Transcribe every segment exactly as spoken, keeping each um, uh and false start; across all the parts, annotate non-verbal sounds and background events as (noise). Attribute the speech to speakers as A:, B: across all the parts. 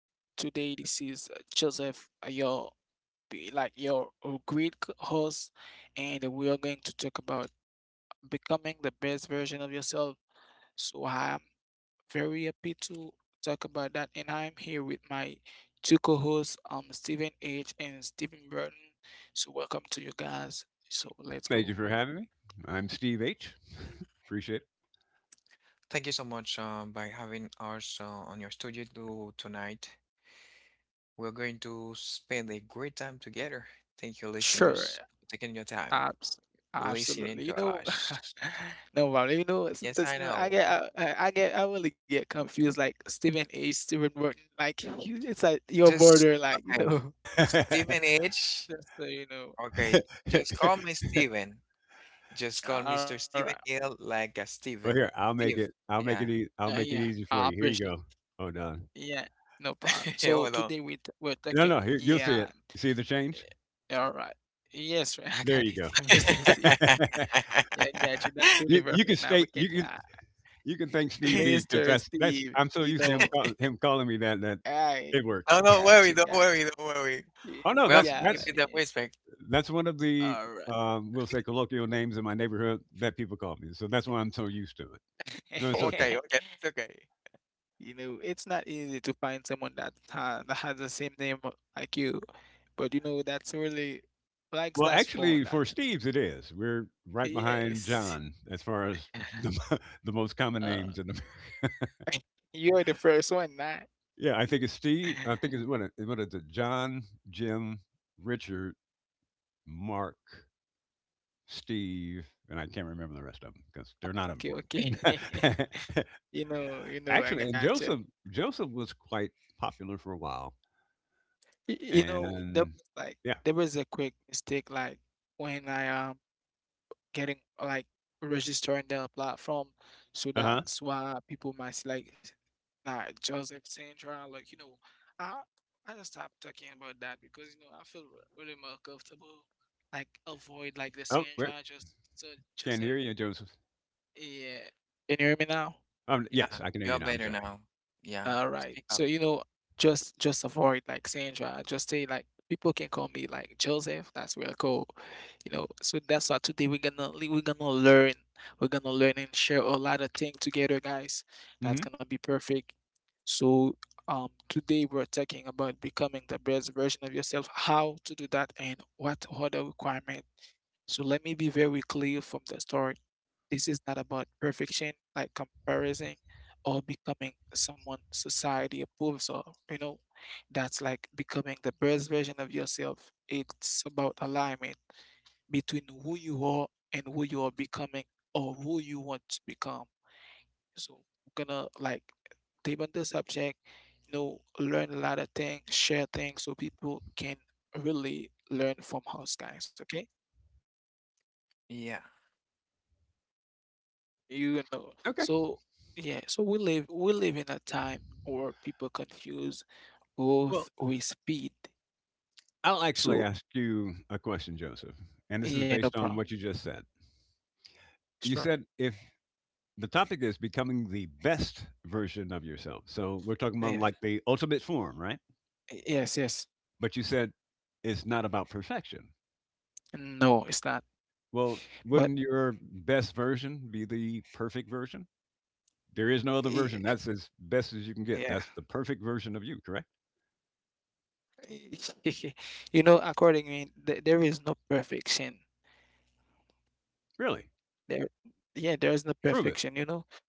A: Today this is uh, Joseph, uh, your be- like your uh, great c- host, and we are going to talk about becoming the best version of yourself. So I'm very happy to talk about that, and I'm here with my two co-hosts, um, Stephen H and Stephen Burton. So welcome to you guys. So let's
B: Thank
A: go.
B: you for having me. I'm Steve H. (laughs) Appreciate
C: Thank you so much uh, by having us uh, on your studio to- tonight. We're going to spend a great time together. Thank you,
A: Sure.
C: listeners, for taking your time
A: Abs
C: listening
A: absolutely. You
C: to
A: know,
C: us.
A: (laughs) no problem. You know,
C: Yes,
A: sometimes
C: I
A: you know, I
C: know.
A: get, I, I I get, I really get confused. Like Stephen A. Stephen Morton, like you, it's like your
C: Just
A: border, like you
C: okay,
A: know.
B: it.
C: Stephen H.
A: (laughs) Just so you know.
C: Okay, just call me
B: (laughs)
C: Stephen. Just call
A: All
C: mister
A: right.
C: Stephen Hill like a
B: well,
C: Stephen.
B: here I'll make
C: Steve.
B: it. I'll make it.
C: Yeah.
A: Uh,
B: E- I'll
A: yeah,
B: make it
A: I
B: easy for you.
A: appreciate.
B: Here you go. Hold on.
A: Yeah, no problem.
C: (laughs)
A: So
C: Hold
A: today
C: on.
A: we t- we're talking.
B: No, no. Here you'll
A: Yeah.
B: see it. See the change?
A: eh, All right. Yes, (laughs) I got
B: There
A: it,
B: you go.
A: (laughs) mister Steve.
B: (laughs)
A: Yeah, I got you. That's really
B: you
C: (laughs)
B: you
A: perfect.
B: can
A: Now we
B: stay.
A: can,
B: You can
A: uh,
B: you can thank Steve B because
A: mister
B: that's that's
A: Steve.
B: I'm so
A: You
B: used to him
A: know,
B: call, him calling me that that
A: I
B: it works.
C: No, don't
A: got
C: worry,
A: you,
C: don't
A: got
C: worry, don't worry.
A: Y
B: Oh no,
C: We have to
B: that's
A: yeah,
C: give
A: man,
B: that's
C: you that
A: yeah.
C: respect.
B: that's one of the
A: Alright.
B: um, we'll say colloquial names in my neighborhood that people call me. So that's why I'm so used to it. No, it's
C: Oh, (laughs)
B: okay.
C: okay, okay, it's
A: (laughs)
C: okay.
A: You know, it's not easy to find someone that ha that has the same name like you, but you know that's really likes
B: Well,
A: that
B: actually,
A: phone.
B: for
A: That
B: Steve's it is. We're right behind
A: yes,
B: John as far as the, (laughs) the most common names
A: uh,
B: in the.
A: (laughs) you're the first one, nah.
B: Yeah, I think it's Steve. I
A: (laughs)
B: think it's what it- what is it? John, Jim, Richard, Mark, Steve, and I can't remember the rest of them because they're not
A: Okay,
B: important.
A: okay.
B: (laughs)
A: (laughs) You know, you know, I
B: Actually, and
A: got you.
B: Joseph Joseph was quite popular for a while,
A: You know, there
B: and
A: was like
B: yeah,
A: there was a quick mistake like when I um, getting like registering their platform, so
B: uh huh.
A: that's why people might see like not just Sandra, like you know, I I just stop talking about that because you know I feel re- really more comfortable like avoid like the
B: Oh, wait,
A: Sandra just so
B: can't hear
A: Joseph.
B: you, Joseph.
A: Yeah, can you hear me now?
B: Um, yes,
C: Yeah,
B: I can hear you
C: you're
B: now. I'm
C: better
B: sorry.
C: now. Yeah,
A: All right.
C: speak
A: So
C: up.
A: you know, just just avoid like Sandra. Just say like people can call me like Joseph. That's real cool. You know. So that's why today we're gonna le- we're gonna learn. We're gonna learn and share a lot of things together, guys. That's
B: Hmm.
A: gonna be perfect. So um today we're talking about becoming the best version of yourself, how to do that and what are the requirement. So let me be very clear from the start. This is not about perfection, like comparison or becoming someone society approves of. You know, that's like becoming the best version of yourself. It's about alignment between who you are and who you are becoming, or who you want to become. So we're gonna like deep on the subject, you know, learn a lot of things, share things so people can really learn from us guys, okay?
C: Yeah.
A: You know.
B: Okay.
A: So yeah, so we live we live in a time where people confuse
B: Well,
A: growth with speed.
B: I'll actually
A: So
B: ask you a question, Joseph, and this is
A: yeah, no
B: based
A: problem.
B: on what you just said. You
A: Sure.
B: said if the topic is becoming the best version of yourself, so we're talking about
A: Yeah.
B: like the ultimate form, right?
A: Yes, yes.
B: But you said it's not about perfection.
A: No, it's not.
B: Well,
A: But
B: wouldn't your best version be the perfect version? There is no other
A: y-
B: version. That's as best as you can get.
A: yeah.
B: That's the perfect version of you, correct?
A: (laughs) You know, according to me, th- there is no perfection.
B: Really?
A: There, yeah, there is no
B: Prove it.
A: perfection, you know,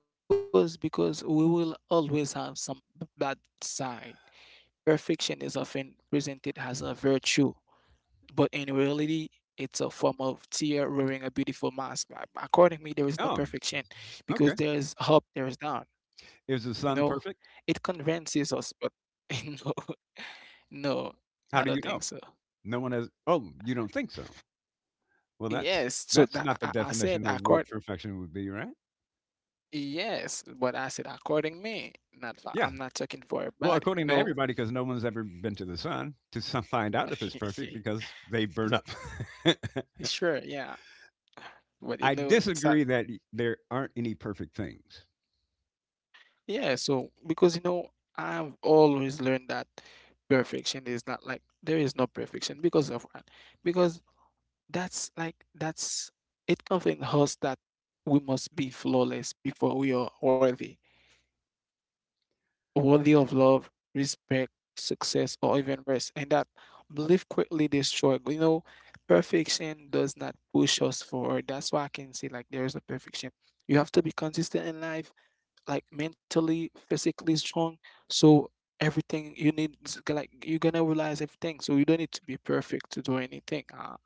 A: because because we will always have some b- bad side. Perfection is often presented as a virtue, but in reality, it's a form of tear wearing a beautiful mask. Ac- According to me, there is
B: Oh,
A: no perfection
B: okay.
A: because there is up, there is down.
B: Is the sun
A: You know,
B: perfect?
A: it convinces us, but (laughs) no, no,
B: How do you
A: I
B: know?
A: don't think so.
B: No one has. Oh, you don't think so? Well, that's
A: Yes,
B: that's
A: so
B: not
A: that
B: the
A: I, I
B: definition
A: said
B: of what
A: accord.
B: perfection would be, right?
A: Yes, but I said according me. Not for,
B: Yeah.
A: I'm not talking for
B: Well,
A: everybody. You
B: according to
A: know,
B: everybody, because no one's ever been to the sun to so- find out if it's perfect,
A: (laughs)
B: because they burn up. (laughs)
A: sure, yeah, but you
B: I
A: know,
B: disagree
A: so-
B: that there aren't any perfect things.
A: yeah. So because you know, I've always learned that perfection is not like there is no perfection because of what? Because That's like that's it comes in us that we must be flawless before we are worthy, worthy of love, respect, success, or even rest. And that belief quickly destroyed. You know, perfection does not push us forward. That's why I can say like there is a perfection. You have to be consistent in life, like mentally, physically strong. So everything you need is g- like you're gonna realize everything. So you don't need to be perfect to do anything. Uh,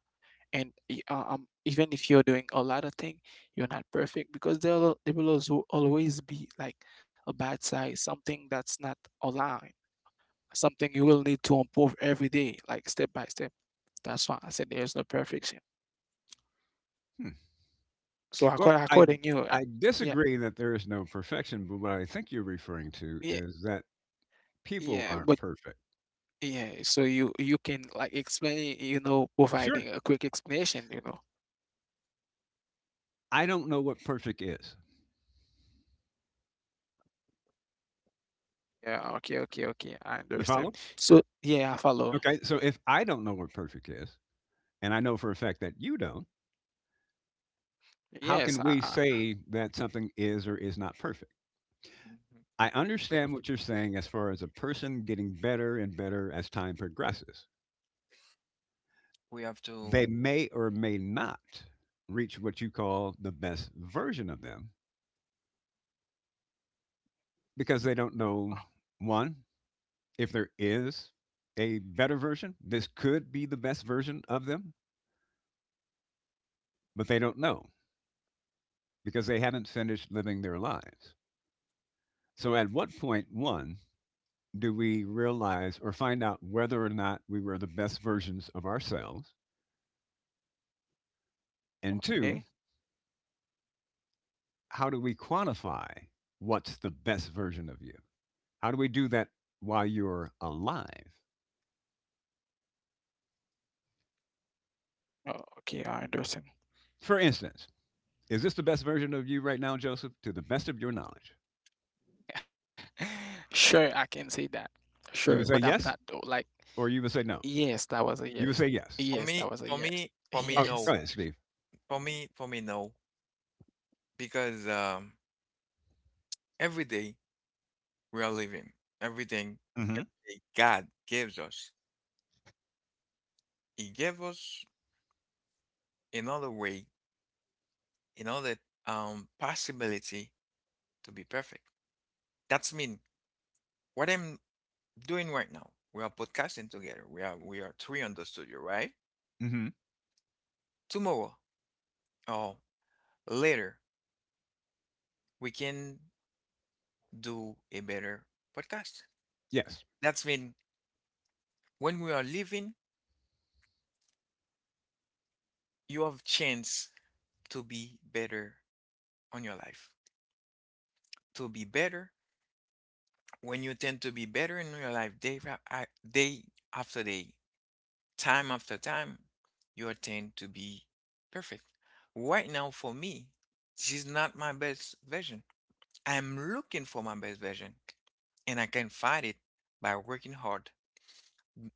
A: and y- uh, um, even if you're doing a lot of thing, you're not perfect because there will there will also always be like a bad side, something that's not aligned, something you will need to improve every day, like step by step. That's why I said there's no perfection.
B: Hmm.
A: So
B: Well,
A: according,
B: I
A: according you, uh,
B: I
A: yeah,
B: disagree that there is no perfection, but what I think you're referring to
A: yeah,
B: is that people
A: yeah,
B: aren't
A: but
B: perfect.
A: yeah, so you you can like explain, you know,
B: Sure.
A: providing a quick explanation, you know.
B: I don't know what perfect is.
A: Yeah, okay, okay, okay, I
B: You
A: understand.
B: follow?
A: So yeah, I follow.
B: Okay, so if I don't know what perfect is, and I know for a fact that you don't, how
A: Yes,
B: can
A: I,
B: we
A: I
B: say that something is or is not perfect?
C: Mhm.
B: I
C: We
B: understand
C: have
B: what you're saying as far as a person getting better and better as time progresses.
C: we have
B: They
C: to
B: may or may not reach what you call the best version of them because they don't know one, if there is a better version, this could be the best version of them, but they don't know because they haven't finished living their lives. So, at what point, one, do we realize or find out whether or not we were the best versions of ourselves? And two,
A: okay.
B: how do we quantify what's the best version of you? How do we do that while you're alive?
A: Oh, okay, I understand.
B: For instance, is this the best version of you right now, Joseph, to the best of your knowledge?
A: (laughs) Sure, I can say that. Sure, but
B: You
A: I'm
B: would say
A: not though.
B: yes,
A: Like,
B: or you would say no.
A: yes, that was a yes.
B: You would say
A: Yes,
B: yes.
C: for
A: that was
C: me
A: a yes.
C: for me
A: (laughs)
C: for me
B: Oh,
A: Yes.
B: go
C: no
B: ahead, Steve.
C: for me, for me, no, because um every day we are living everything.
B: Mm hmm.
C: Every day God gives us, it gave us another way, another um possibility to be perfect. That's mean what I'm doing right now. We are podcasting together. We are we are three on the studio, right?
B: Mm hmm.
C: Tomorrow or later we can do a better podcast.
B: Yes.
C: That's mean when we are living, you have chance to be better on your life. To be better when you tend to be better in your life day, fa- a- day after day. Time after time, you attempt to be perfect. Right now, for me, she's not my best version. I'm looking for my best version, and I can find it by working hard.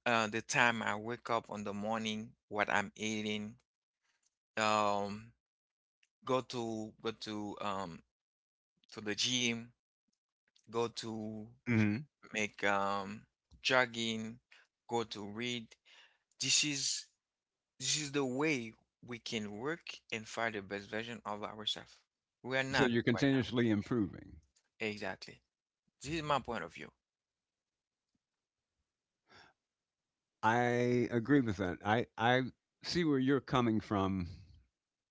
C: Uh, the time I wake up on the morning, what I'm eating, um, go to go to um to the gym, go to
B: Mm hmm.
C: make um jogging, go to read. This is This is the way we can work and find the best version of ourselves. We are
B: So,
C: not
B: you're
C: right
B: continuously improving.
C: now. Exactly. This is my point of view.
B: I agree with that. I, I see where you're coming from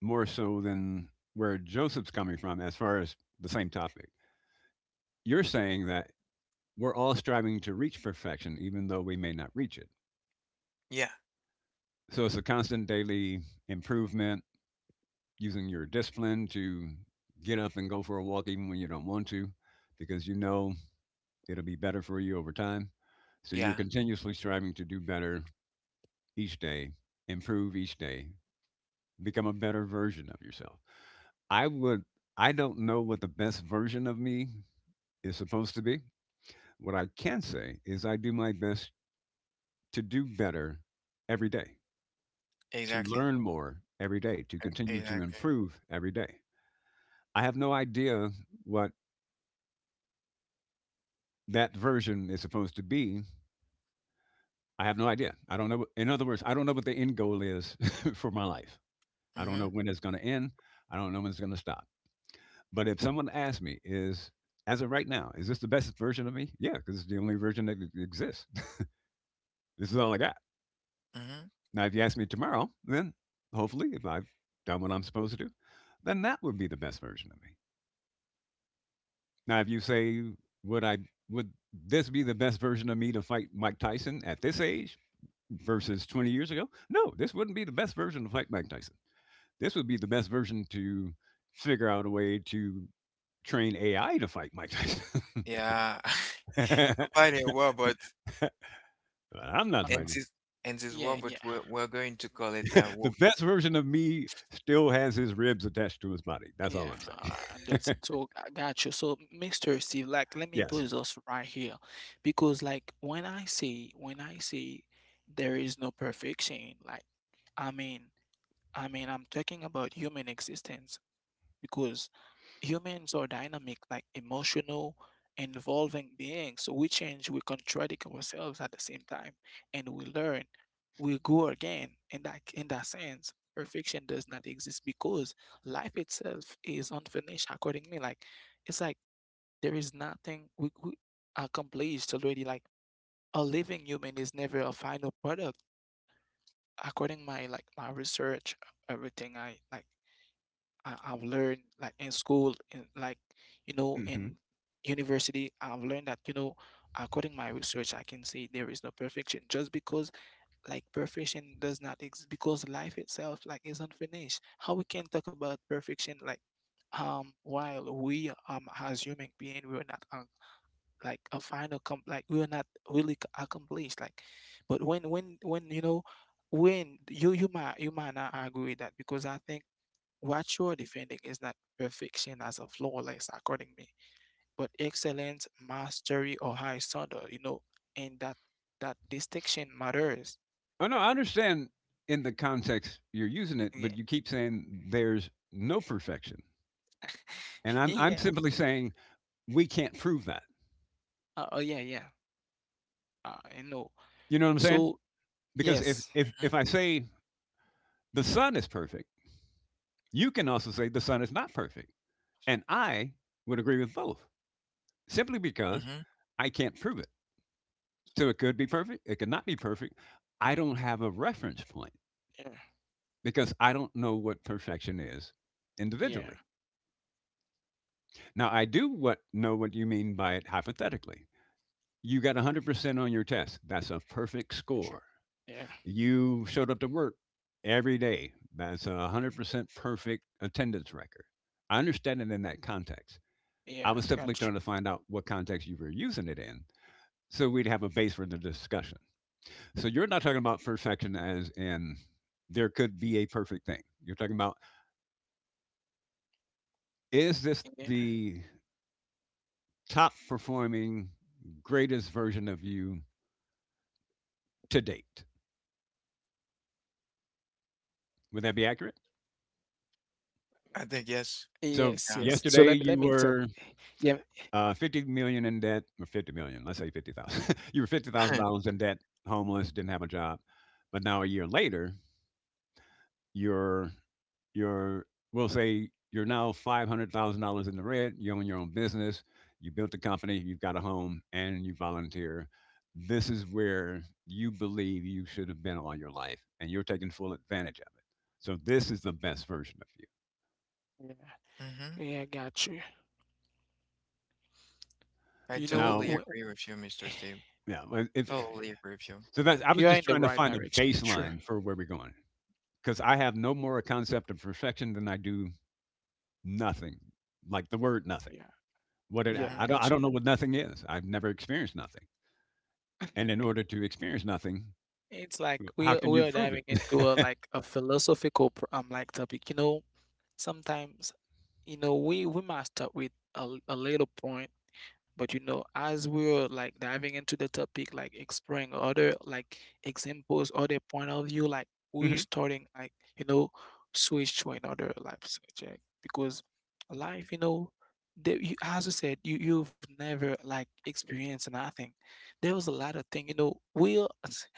B: more so than where Joseph's coming from as far as the same topic. You're saying that we're all striving to reach perfection, even though we may not reach it.
C: Yeah.
B: So it's a constant daily improvement, using your discipline to get up and go for a walk, even when you don't want to, because you know it'll be better for you over time. So you're
C: Yeah.
B: continuously striving to do better each day, improve each day, become a better version of yourself. I would I don't know what the best version of me is supposed to be. What I can say is I do my best to do better every day, to
C: Exactly.
B: learn more every day, to continue to
C: Exactly.
B: improve every day. I have no idea what that version is supposed to be. I have no idea. I don't know. what- In other words, I don't know what the end goal is (laughs) for my life. I don't
C: Mm-hmm.
B: know when it's going to end. I don't know when it's going to stop. But if someone asks me, is as of right now, is this the best version of me? Yeah, because it's the only version that e- exists. This is all I got.
C: Mm-hmm.
B: Now, if you ask me tomorrow, then hopefully, if I've done what I'm supposed to do, then that would be the best version of me. Now, if you say, would I, would this be the best version of me to fight Mike Tyson at this age versus twenty years ago? No, this wouldn't be the best version to fight Mike Tyson. This would be the best version to figure out a way to train A I to fight Mike Tyson.
C: Yeah. (laughs) To find
B: (laughs)
C: a robot,
B: But I'm not
A: Uh,
C: and
B: fighting
C: this and this
A: yeah, yeah,
C: robot we're, we're going to call it a
B: (laughs) the
C: wolf.
B: best version of me still has his ribs attached to his body. That's
A: yeah.
B: all I'm
A: I
B: saying.
A: understand. So I got you. So, mister Steve, like, let
B: (laughs)
A: me
B: Yes.
A: put this right here, because like when I say when I say there is no perfection, like, I mean, I mean, I'm talking about human existence, because humans are dynamic, like emotional, and evolving beings. So we change, we contradict ourselves at the same time, and we learn, we grow again. In that in that sense, perfection does not exist because life itself is unfinished. Accordingly, like it's like there is nothing we, we accomplished already. Like a living human is never a final product. According my like my research, everything I like I, I've learned, like in school, in like, you know, in
B: Hmm.
A: university, I've learned that you know, according my research, I can say there is no perfection just because like perfection does not exist because life itself like is unfinished. How we can talk about perfection like um while we um as human being we're not um, like a final com, like we're not really c- accomplished, like but when when when you know when you you might you might not agree with that because I think Virtual defending is not perfection as of flawless, according me, but excellence, mastery, or high standard, you know, and that that distinction matters.
B: Oh no, I understand in the context you're using it, but
A: Yeah.
B: you keep saying there's no perfection. And
A: (laughs)
B: I'm I'm
A: Yeah.
B: simply saying we can't prove that.
A: Uh, oh, yeah, yeah. Uh, I know.
B: You know what I'm saying?
A: So,
B: Because if
A: yes.
B: if if
C: Mm-hmm.
B: I say the sun is perfect, you can also say the sun is not perfect. And I would agree with both. Simply
C: Mm-hmm.
B: because I can't prove it. So it could be perfect, it could not be perfect. I don't have a reference point,
A: Yeah.
B: because I don't know what perfection is individually.
A: Yeah.
B: Now, I do what, know what you mean by it hypothetically. You got one hundred percent on your test. That's a perfect score.
A: Sure. Yeah.
B: You showed up to work every day. That's a one hundred percent perfect attendance record. I understand it in that context. I
A: Yeah,
B: was
A: I
B: simply
A: got
B: trying
A: you.
B: to find out what context you were using it in so we'd have a base for the discussion. So you're not talking about perfection as in there could be a perfect thing. You're talking about is this
A: Yeah.
B: the top performing, greatest version of you to date. Would that be accurate?
A: Okay.
C: I think
A: Yes,
C: yes.
A: yes. So
B: So
A: let me
C: Yeah.
A: let me tell.
B: yesterday you were
A: Yeah.
B: uh, fifty million in debt, or fifty million, let's say fifty thousand. (laughs) You were fifty thousand
C: (laughs)
B: dollars in debt, homeless, didn't have a job, but now a year later you're you're we'll say you're now five hundred thousand dollars in the red. You own your own business. You built a company. You've got a home, and you volunteer. This is where you believe you should have been all your life, and you're taking full advantage of it. So this is the best version of you.
A: Yeah.
C: Mm-hmm.
A: Yeah, I got you.
C: I
A: You know,
B: Now,
C: totally agree with
A: wh-
C: you, mister Steve.
B: yeah, well,
A: (sighs)
B: if
A: yeah,
C: Totally agree with you.
B: so, that's I was
A: you are
B: just
A: in the
B: trying to
A: right
B: find a
A: direction. Sure.
B: baseline for where we're going because I have no more a concept of perfection than I do nothing, like the
A: Mm,
B: word nothing.
A: yeah.
B: What it, I
A: Yeah,
C: Mm-hmm.
B: I don't, I
A: gotcha.
B: don't know what nothing is. I've never experienced nothing. And in order to experience nothing,
A: It's like we
B: how
A: are,
B: can
A: we
B: you
A: are
B: prove
A: diving into a
B: it?
A: like
B: (laughs)
A: a philosophical pr- um like topic. You know, sometimes you know we we might start with a a little point. But you know, as we're like diving into the topic, like exploring other like examples, other point of view, like we're
B: Mhm,
A: starting like, you know, switch to another life subject because life, you know, that you as I said, you you've never like experienced nothing. There was a lot of thing, you know, we'll (laughs)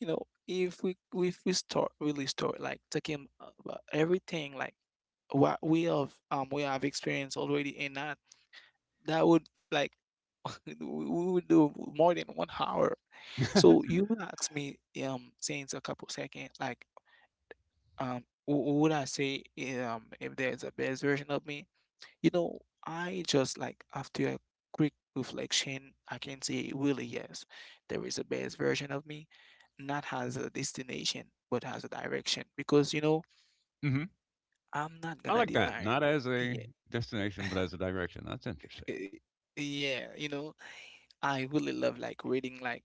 A: you know, if we if we start really start like talking about everything, like what we have um we have experienced already in our, that would like (laughs) we would do more than one hour. So you asked me um since a couple seconds, like um w- would I say um if there's a best version of me? You know, I just like after a quick reflection, I can say really yes, there is a best version of me, not has a destination but has a direction, because you know
B: mhm.
A: I'm not
B: I
A: gonna
B: like that.
A: deny it.
B: Not as a
A: Yeah,
B: destination, but as a direction. That's interesting.
A: eh, yeah, you know, I really love like reading like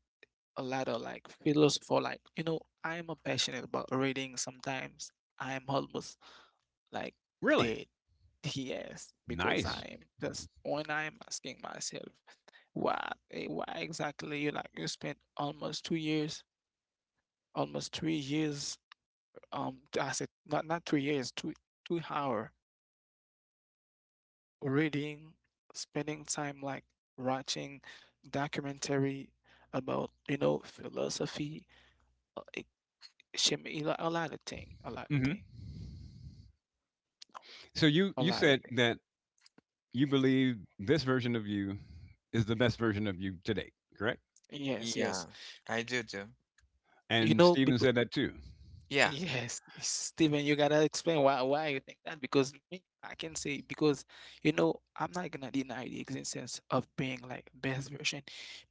A: a lot of like philosopher, like you know I am passionate about reading sometimes. I am almost like
B: Really
A: dead, yes, because I
B: nice.
A: am just when I am asking myself why, eh, why exactly you like you spent almost two years, almost three years, um I said not not three years, two two hour reading, spending time like watching documentary about you know philosophy, uh, she made a lot of thing, a lot of
B: Hmm.
A: thing,
B: So you
A: a
B: you
A: lot of
B: said that you believe this version of you is the best version of you to date, correct?
A: thing. Yes, yes.
C: Yeah, I do too.
A: You
B: And
A: know,
B: Stephen
A: because
B: said that too.
A: (laughs)
C: Yeah,
A: yes, Steven, you gotta explain why why you think that, because me, I can say because you know I'm not gonna deny the existence of being like best version,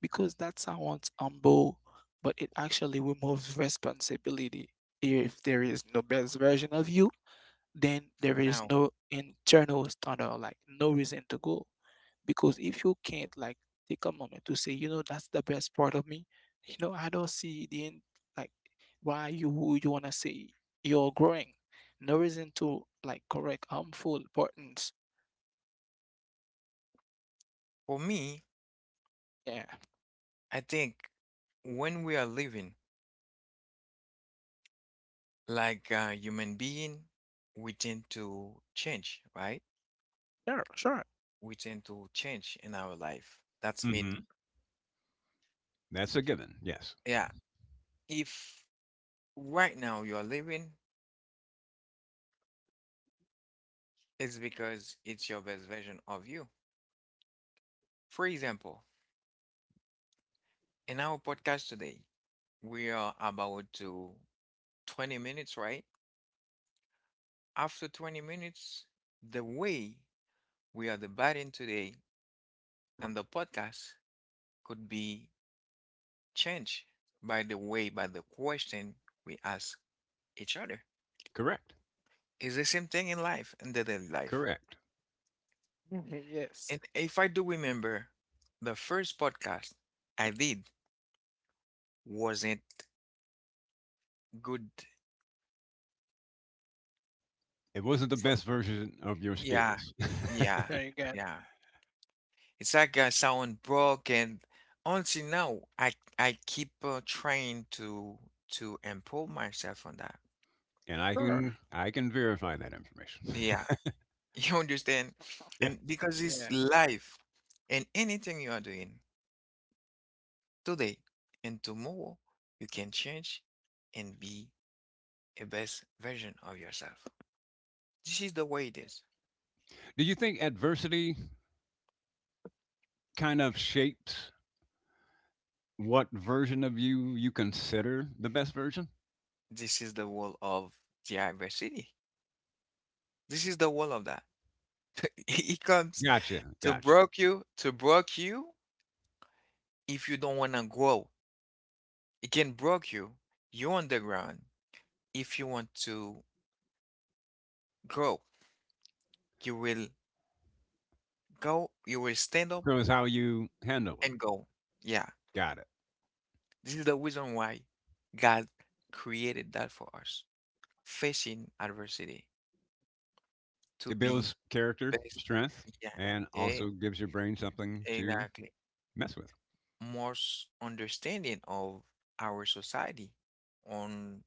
A: because that sounds humble, but it actually removes responsibility. If there is no best version of you, then there
C: for
A: is
C: now,
A: no internal standard, like no reason to go. Because if you can't like take a moment to say, you know, that's the best part of me, you know, I don't see the end, like why you who you wanna say you're growing. No reason to like correct harmful patterns.
C: for me,
A: Yeah.
C: I think when we are living like a human being, we tend to change, right?
A: Sure, sure. (laughs)
C: We tend to change in our life. That's
B: Hmm.
C: mean,
B: That's a given. Yes,
C: yeah, if right now you are living, it's because it's your best version of you. For example, in our podcast today, we are about to twenty minutes, right? After twenty minutes, the way we are debating today and the podcast could be change by the way, by the question we ask each other.
B: correct,
C: It's the same thing in life, in the daily life.
B: correct.
A: Mhm,
C: And
A: Yes.
C: if I do remember, the first podcast I did wasn't good
B: It wasn't the
C: for,
B: best version of your
C: yeah,
B: skills, (laughs)
A: Sure
C: yeah,
A: you got
C: yeah. It's like I sound broke, and until now, I I keep uh, trying to to improve myself on that.
B: and I
A: sure.
B: can I can verify that information.
C: Yeah,
B: (laughs)
C: (laughs) you understand?
A: (laughs)
C: And because it's
A: Yeah.
C: life, and anything you are doing, today and tomorrow you can change and be a best version of yourself. This is the way it is.
B: Do you think adversity kind of shapes what version of you you consider the best version?
C: This is the wall of diversity. This is the wall of that. (laughs) It comes
B: Gotcha,
C: to
B: gotcha.
C: block you, to block you if you don't want to grow. It can block you. You're on the ground. If you want to grow, you will go, you will stand up
B: So it's how you handle it.
C: and go. Yeah.
B: Got it.
C: This is the reason why God created that for us, facing adversity to
B: It
C: be
B: builds character,
C: best.
B: strength,
C: Yeah,
B: and
C: e-
B: also gives your brain something to
C: exactly.
B: mess with.
C: Most understanding of our society on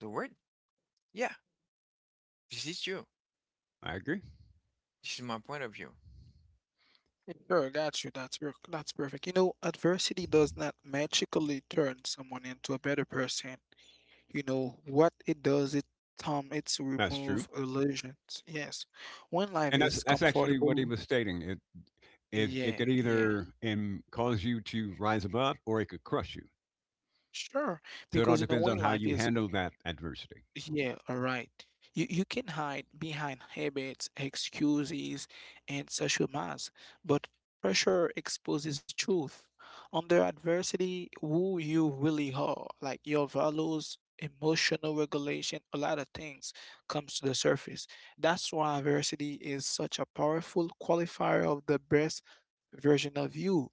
C: the world. Yeah, this is you.
B: I agree.
C: This is my point of view.
A: Sure, got you. That's per- that's perfect. You know, adversity does not magically turn someone into a better person. You know what it does, it Tom it's
B: That's true,
A: remove illusions. Yes. When life
B: and that's
A: is
B: that's actually what he
A: comfortable,
B: was stating. It it, it
A: yeah,
B: could
A: yeah.
B: either um, cause you to rise above, or it could crush you.
A: Sure.
B: So it all
A: Because you know
B: depends on
A: when
B: how
A: life
B: you
A: is,
B: handle that adversity.
A: yeah, all right. You you can hide behind habits, excuses, and social masks, but pressure exposes truth. Under adversity, who you really are, like your values, emotional regulation, a lot of things comes to the surface. That's why adversity is such a powerful qualifier of the best version of you.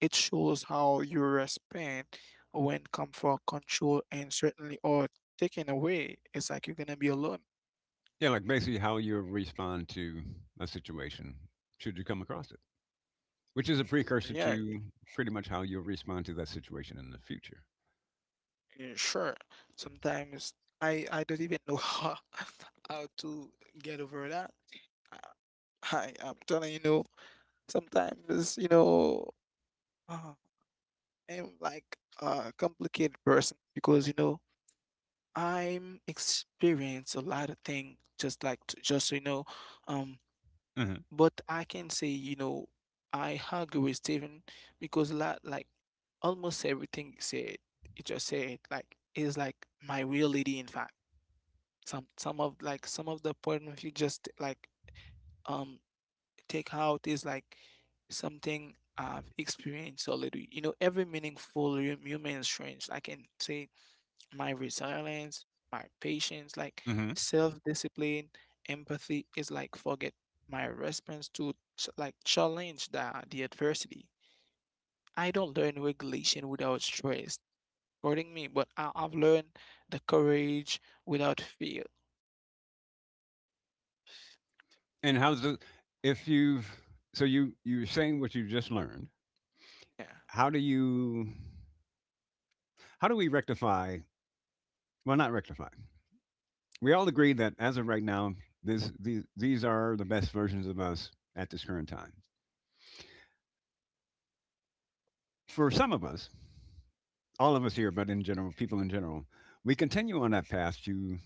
A: It shows how you respond when comfort, control, and certainly are taken away. It's like you're gonna be alone.
B: Yeah, like basically how you respond to a situation should you come across it, which is a precursor
A: Yeah,
B: to pretty much how you'll respond to that situation in the future.
A: yeah, sure. Sometimes I I don't even know (laughs) how, how to get over that. I, I I'm telling you, know, sometimes you know uh, I'm like a complicated person because you know I'm experience a lot of things. Just like to, just so you know, um
B: Hmm.
A: But I can say, you know, I agree with Steven because la- like almost everything he said, he just said like is like my reality in fact. Some some of like some of the point of view just like um take out is like something I've experienced already. You know, every meaningful hum- human strange, I can say my resilience, my patience, like
B: Hmm.
A: self-discipline, empathy is like forget my response to ch- like challenge the the adversity. I don't learn regulation without stress, hurting me, but I, I've learned the courage without fear.
B: And how's the if you've so you you're saying what you just learned?
A: Yeah,
B: How do you how do we rectify? Well, not rectify. We all agree that as of right now, this these these are the best versions of us at this current time. For some of us, all of us here, but in general, people in general, we continue on that path to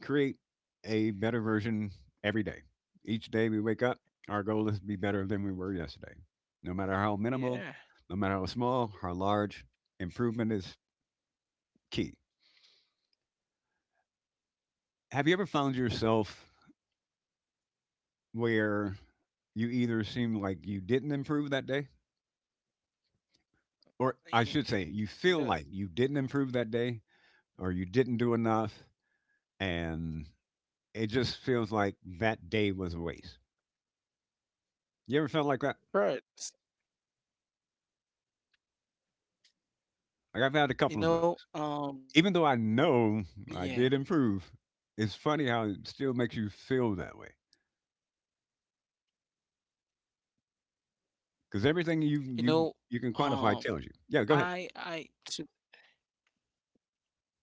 B: create a better version every day. Each day we wake up, our goal is to be better than we were yesterday. No matter how minimal, no
A: yeah.
B: matter how small, how large, improvement is key. Have you ever found yourself where you either seem like you didn't improve that day, or I should say, you
A: (laughs)
B: feel like you
A: you
B: didn't
A: know,
B: improve that day, or you didn't do enough, and it just feels like that day was a waste? You ever felt like that?
A: hurts.
B: Like I've had a couple of those.
A: You
B: Even
A: know,
B: though I
A: um,
B: know I did
A: yeah.
B: improve, it's funny how it still makes you feel that way. Because everything you
A: You
B: you
A: know,
B: you can quantify
A: um,
B: tells you. Yeah, go ahead.
A: I I should,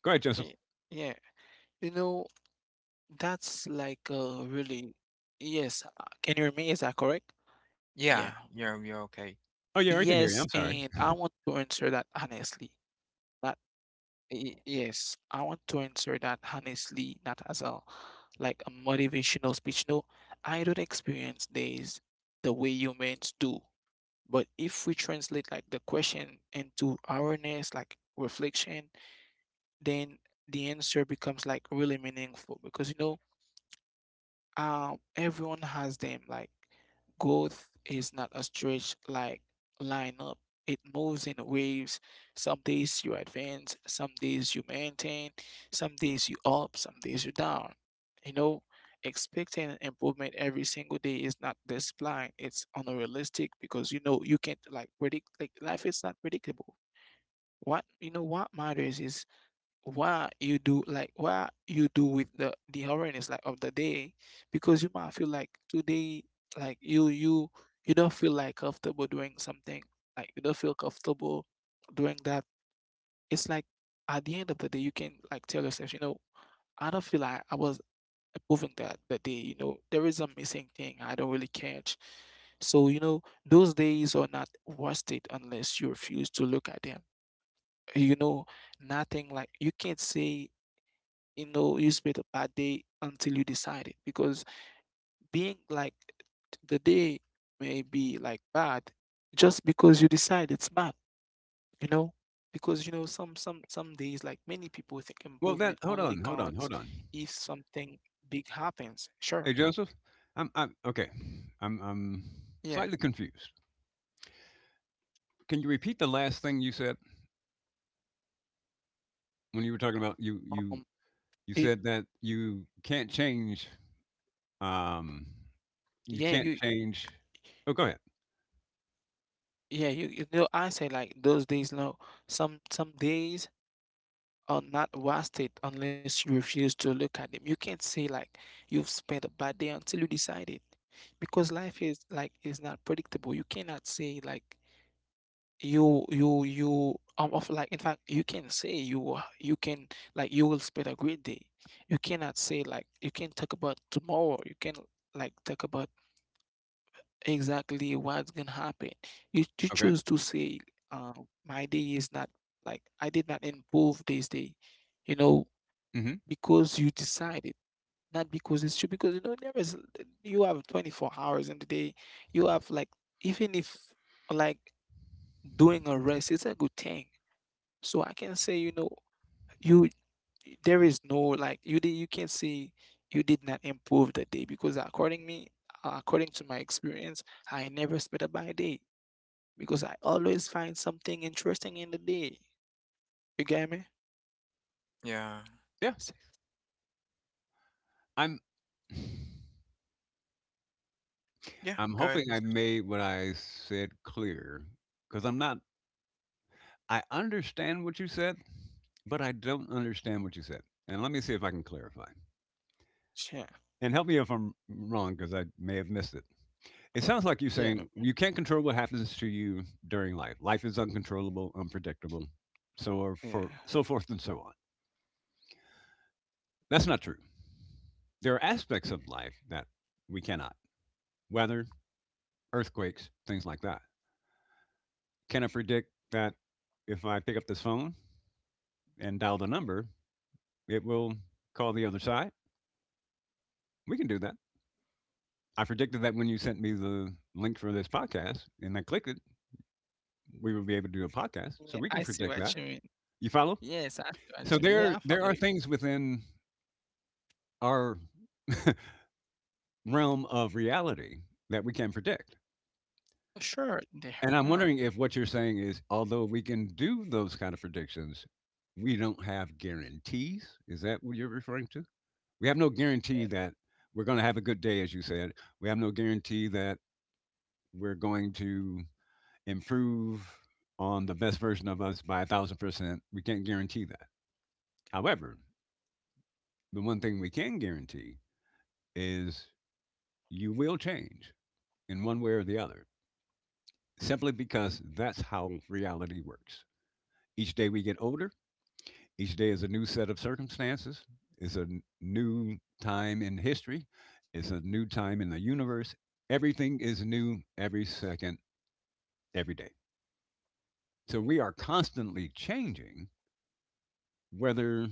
B: Go ahead, Joseph.
A: yeah, yeah. You know, That's like uh really yes. uh, Can you hear me? Is that correct?
C: Yeah,
A: Yeah.
C: you're you're okay.
B: Oh yeah, I can hear you.
A: Yes,
B: I'm sorry.
A: and I want to answer that honestly. That y- yes, I want to answer that honestly, not as a like a motivational speech. No, I don't experience days the way humans do. But if we translate like the question into awareness, like reflection, then the answer becomes like really meaningful because you know um everyone has them. Like growth is not a straight like line up. It moves in waves. Some days you advance, some days you maintain, some days you up, some days you down, you know. Expecting an improvement every single day is not this blind. It's unrealistic because you know you can't like predict, like life is not predictable. What, you know, what matters is what you do, like what you do with the the awareness like of the day, because you might feel like today, like you you you don't feel like comfortable doing something, like you don't feel comfortable doing that. It's like at the end of the day you can like tell yourself, you know, I don't feel like I was improving that that day. You know, there is a missing thing I don't really catch, so you know those days are not worth it unless you refuse to look at them. You know, nothing like, you can't say, you know, you spent a bad day until you decide it, because being like the day may be like bad just because you decide it's bad, you know. Because you know some some some days, like many people think
B: Well, that
A: improvement
B: hold
A: only
B: on, hold on,
A: counts
B: hold on.
A: if something big happens, sure.
B: Hey, Joseph. I'm I'm okay. I'm I'm
A: Yeah,
B: slightly confused. Can you repeat the last thing you said when you were talking about you
A: um
B: you
A: it,
B: you said that you can't change um you
A: yeah,
B: can't
A: you
B: change. Oh, go ahead.
A: yeah, you, you know, I say like those days, no, some some days are not worth it unless you refuse to look at them. You can't say like you've spent a bad day until you decide it, because life is like is not predictable. You cannot say like you you you um of like in fact you can say you are- you can like you will spend a great day. You cannot say like you can talk about tomorrow. You can like talk about exactly what's gonna happen. You you
B: Okay.
A: choose to say um my day is not like I did not improve this day, you know,
B: Mhm.
A: because you decided. Not because it's true, because you know there is you have twenty-four hours in the day. You have like even if like doing a rest, it's a good thing. So I can say, you know, you there is no like you did, you can say you did not improve the day because according me, according to my experience, I never spend a bad day because I always find something interesting in the day. You get me?
C: Yeah,
B: Yeah,
A: S-
B: I'm
C: yeah.
B: I'm
C: Go ahead,
B: hoping I
C: Mister.
B: made what I said clear because I'm not I understand what you said, but I don't understand what you said. And let me see if I can clarify.
A: Sure.
B: And help me if I'm wrong because I may have missed it. It sounds like you're
A: Yeah.
B: saying you can't control what happens to you during life. Life is uncontrollable, unpredictable, so or
A: Yeah.
B: for so forth and so on. That's not true. There are aspects of life that we cannot. Weather, earthquakes, things like that. Can I predict that if I pick up this phone and dial the number, it will call the other side. We can do that. I predicted that when you sent me the link for this podcast and I clicked it, we would be able to do a podcast. So
A: Yeah,
B: we can
A: I see
B: predict that.
A: what you mean.
B: You follow?
A: Yes, I see
B: So
A: what you mean.
B: there
A: Yeah, I
B: there
A: follow
B: are
A: you.
B: things within our (laughs) realm of reality that we can predict.
A: Sure, the
B: And I'm
A: hell.
B: wondering if what you're saying is although we can do those kind of predictions, we don't have guarantees. Is that what you're referring to? We have no
A: Yeah,
B: guarantee that we're going to have a good day, as you said. We have no guarantee that we're going to improve on the best version of us by a thousand percent. We can't guarantee that. However, the one thing we can guarantee is you will change in one way or the other, simply because that's how reality works. Each day we get older, each day is a new set of circumstances, it's a n- new time in history, it's a new time in the universe. Everything is new every second, every day. So we are constantly changing whether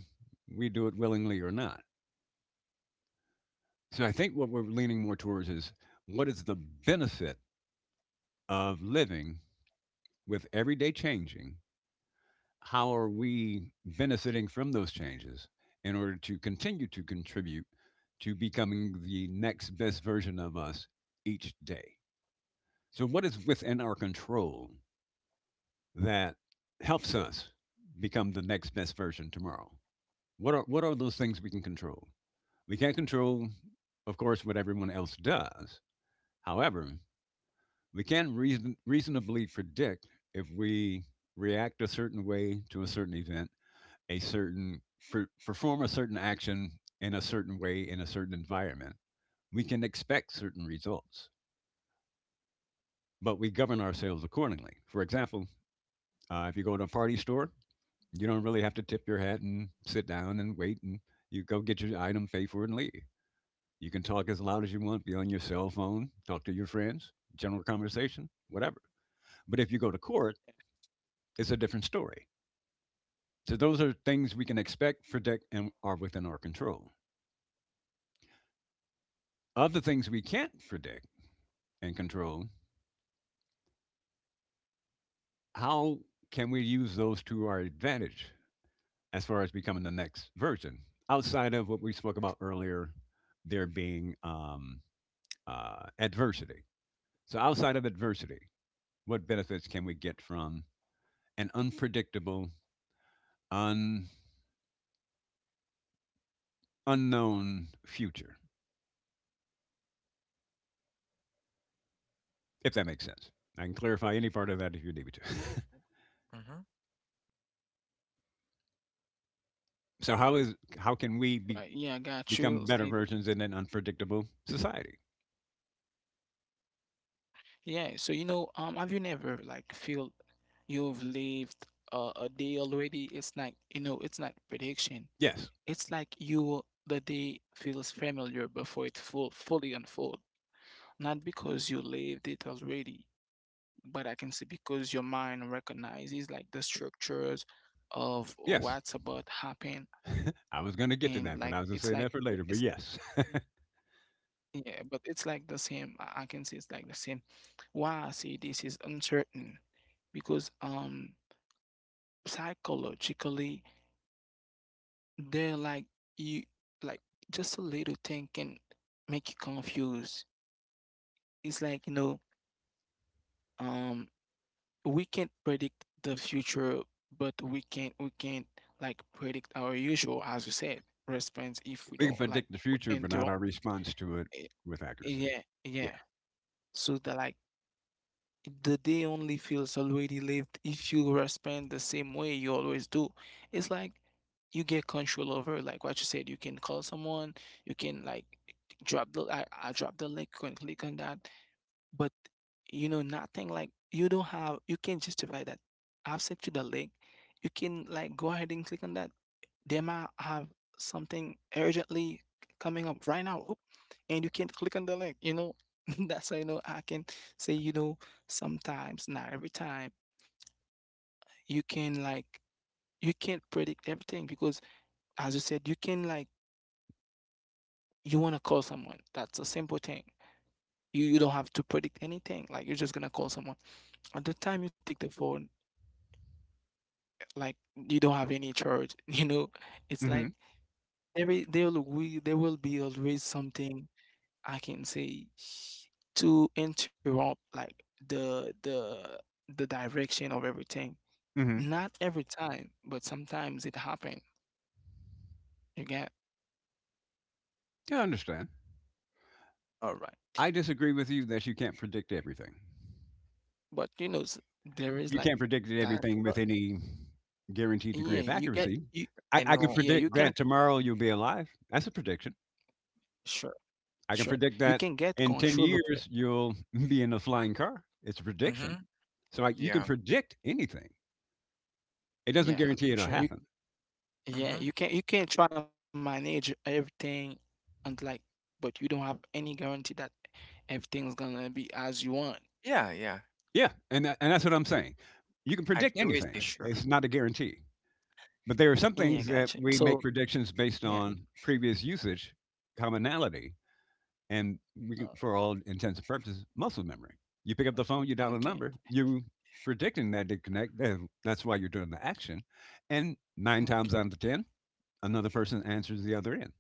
B: we do it willingly or not. So I think what we're leaning more towards is what is the benefit of living with every day changing? How are we benefiting from those changes in order to continue to contribute to becoming the next best version of us each day? So, what is within our control that helps us become the next best version tomorrow? What are, what are those things we can control? We can't control, of course, what everyone else does. However, we can reason, reasonably predict if we react a certain way to a certain event, a certain per, perform a certain action in a certain way in a certain environment, we can expect certain results, but we govern ourselves accordingly. For example, uh, if you go to a party store, you don't really have to tip your hat and sit down and wait, and you go get your item, pay for it, and leave. You can talk as loud as you want, be on your cell phone, talk to your friends, general conversation, whatever. But if you go to court, it's a different story. So those are things we can expect, predict, and are within our control. Other things we can't predict and control, how can we use those to our advantage as far as becoming the next version? Outside of what we spoke about earlier, there being um, uh, adversity. So outside of adversity, what benefits can we get from an unpredictable, un? Unknown future, if that makes sense. I can clarify any part of that if you need me to.
C: Mm-hmm.
B: (laughs) so how is how
A: right.
B: can
A: Yeah, I
B: we be,
A: got you. Say,
B: become better versions in an unpredictable society?
A: yeah. So you know, um, have you never like feel you've lived uh, a day already? It's like you know, it's not prediction. It's
B: Yes.
A: like you the day feels familiar before it full fully unfold. Not because you lived it already, but I can say because your mind recognizes like the structures of what's
B: Yes.
A: about to happen
B: (laughs) I was going to
A: and
B: get to
A: like
B: that, but I
A: it's
B: was going to
A: like
B: say that
A: the-
B: for
A: it's
B: later. But yes,
A: yeah but it's like the same i I can say it's like the same why I say this is uncertain because um psychologically they're like you like just a little thing can make you confused. It's like you know um we can't predict the future but we can't we can't like predict our usual, as you said, response if we
B: (laughs) we can
A: don't like
B: predict the future, but
A: enter
B: not our response to it
A: eh,
B: with accuracy.
A: yeah,
B: Yeah.
A: yeah. So that like the day only feels already lived if you respond the same way you always do. It's like you get control over like what you said, you can call someone, you can like drop the i, I drop the link and click on that, but you know nothing like you don't have, you can not justify that I've sent you the link, you can like go ahead and click on that. They might have something urgently coming up right now, oop, and you can't click on the link. You know, (laughs) that's how you know I can say, you know, sometimes, not every time. You can like you can't predict everything because, as you said, you can like you want to call someone. That's a simple thing. You you don't have to predict anything. Like you're just gonna call someone. At the time you take the phone, like you don't have any charge. (laughs) You know, it's
B: Mm-hmm.
A: like every there will we there will be always something I can say to interrupt like the the the direction of everything.
B: Mm-hmm.
A: Not every time, but sometimes it happen. You get
B: I understand.
A: all right,
B: I disagree with you that you can't predict everything.
A: but you know s- there is
B: You
A: like
B: can't predict
A: that.
B: everything
A: Co-
B: with any guaranteed
A: Yeah,
B: degree of
A: you get
B: accuracy.
A: you.
B: I,
C: I
B: I can
C: know.
A: Yeah, you
B: predict
A: can
C: Okay.
B: that tomorrow you'll be alive. That's a prediction.
A: sure, sure,
B: I can
A: you can
B: predict that
A: get
B: in
A: control of
B: ten
A: it.
B: years you'll (laughs) be in a flying car. It's a prediction.
C: Mm-hmm.
B: So like, you can
C: Yeah.
B: predict anything. It
A: Yeah,
B: doesn't guarantee it'll
A: sure. You,
B: happen.
A: yeah,
C: Mm-hmm.
A: you can you can try to manage everything and like, but you don't have any guarantee that everything's gonna be as you want.
C: Yeah, yeah.
B: Yeah, and tha- and that's what I'm saying. You can predict anything.
C: Accuracy.
A: Sure.
B: It's not a guarantee. But there are
A: Yeah,
B: some
A: gotcha.
B: things that
A: So,
B: we make predictions
A: yeah.
B: based on previous usage, commonality, and
A: Uh,
B: we can, for all intents and purposes, muscle memory. You pick
A: mm,
B: up the phone, you dial a
A: okay.
B: number, you predicting that it connect. And that's why you're doing the action. And nine
A: Okay.
B: times out of ten, another person answers the other end.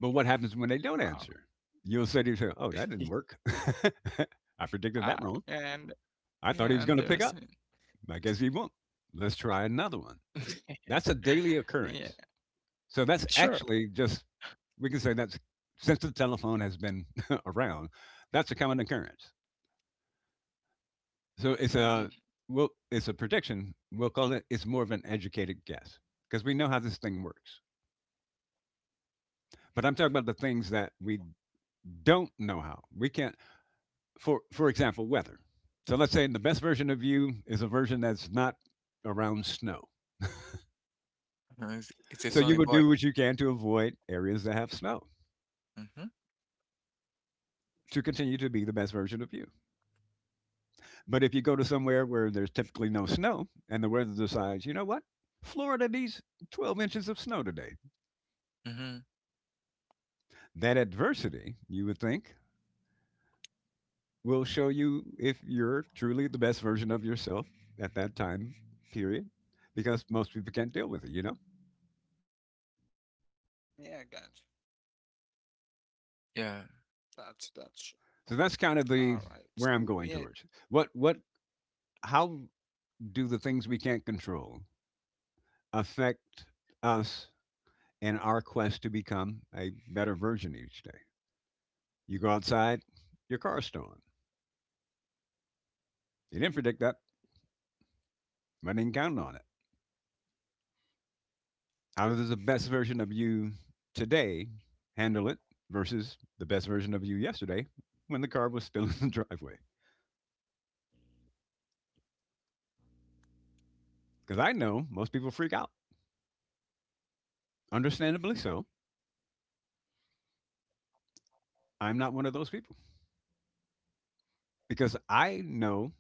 B: But what
A: Mm,
B: happens when they don't
A: wow.
B: answer? You'll say to yourself, "Oh, that didn't
A: (laughs)
B: work. (laughs) I predicted
A: Uh,
B: that wrong.
A: and yeah,
B: I thought he was going to
A: Anderson.
B: pick up. I guess he won't. Let's try another one."
A: (laughs)
B: That's a daily
A: Yeah,
B: occurrence. So that's
A: sure.
B: actually just we can say that's since the telephone has been (laughs) around, that's a common occurrence. So it's
A: Mm-mm.
B: a well, it's a prediction. We'll call it. It's more of an educated guess because we know how this thing works. But I'm talking about the things that we don't know how. We can't. For for example, weather. So let's say the best version of you is a version that's not around snow.
C: Mhm. It's, it's
B: So
C: his
B: you
C: only
B: will
C: boy.
B: do what you can to avoid areas that have snow
C: Mm-hmm.
B: to continue to be the best version of you. But if you go to somewhere where there's typically no snow and the weather decides, you know what? Florida needs twelve inches of snow today.
C: Mm-hmm.
B: That adversity, you would think, will show you if you're truly the best version of yourself at that time period because most people can't deal with it you know
A: Yeah, gotcha. That's
C: Yeah.
A: that's all
B: so that's
A: right.
B: kind of
A: So
B: the
A: yeah,
B: where I'm going towards what what how do the things we can't control affect us in our quest to become a better version each day. You go outside, your car's stolen, you didn't predict that but I didn't count on it. How does the best version of you today handle it versus the best version of you yesterday when the car was still in the (laughs) driveway? Because I know most people freak out, understandably so. I'm not one of those people because I know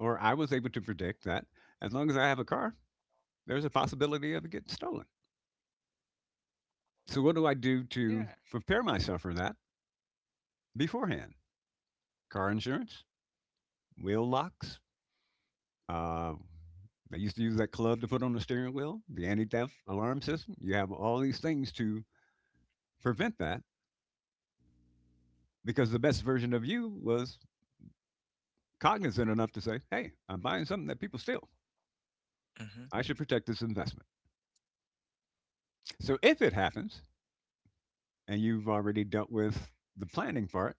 B: or I was able to predict that as long as I have a car, there's a possibility of it getting stolen. So, what do I
A: yeah,
B: do to prepare myself for that beforehand? Car insurance, wheel locks, Uh, they used to use that club to put on the steering wheel, the anti theft alarm system. You have all these things to prevent that because the best version of you was cognizant enough to say, hey, I'm buying something that people steal. I should protect this investment. So if it happens and you've already dealt with the planning part,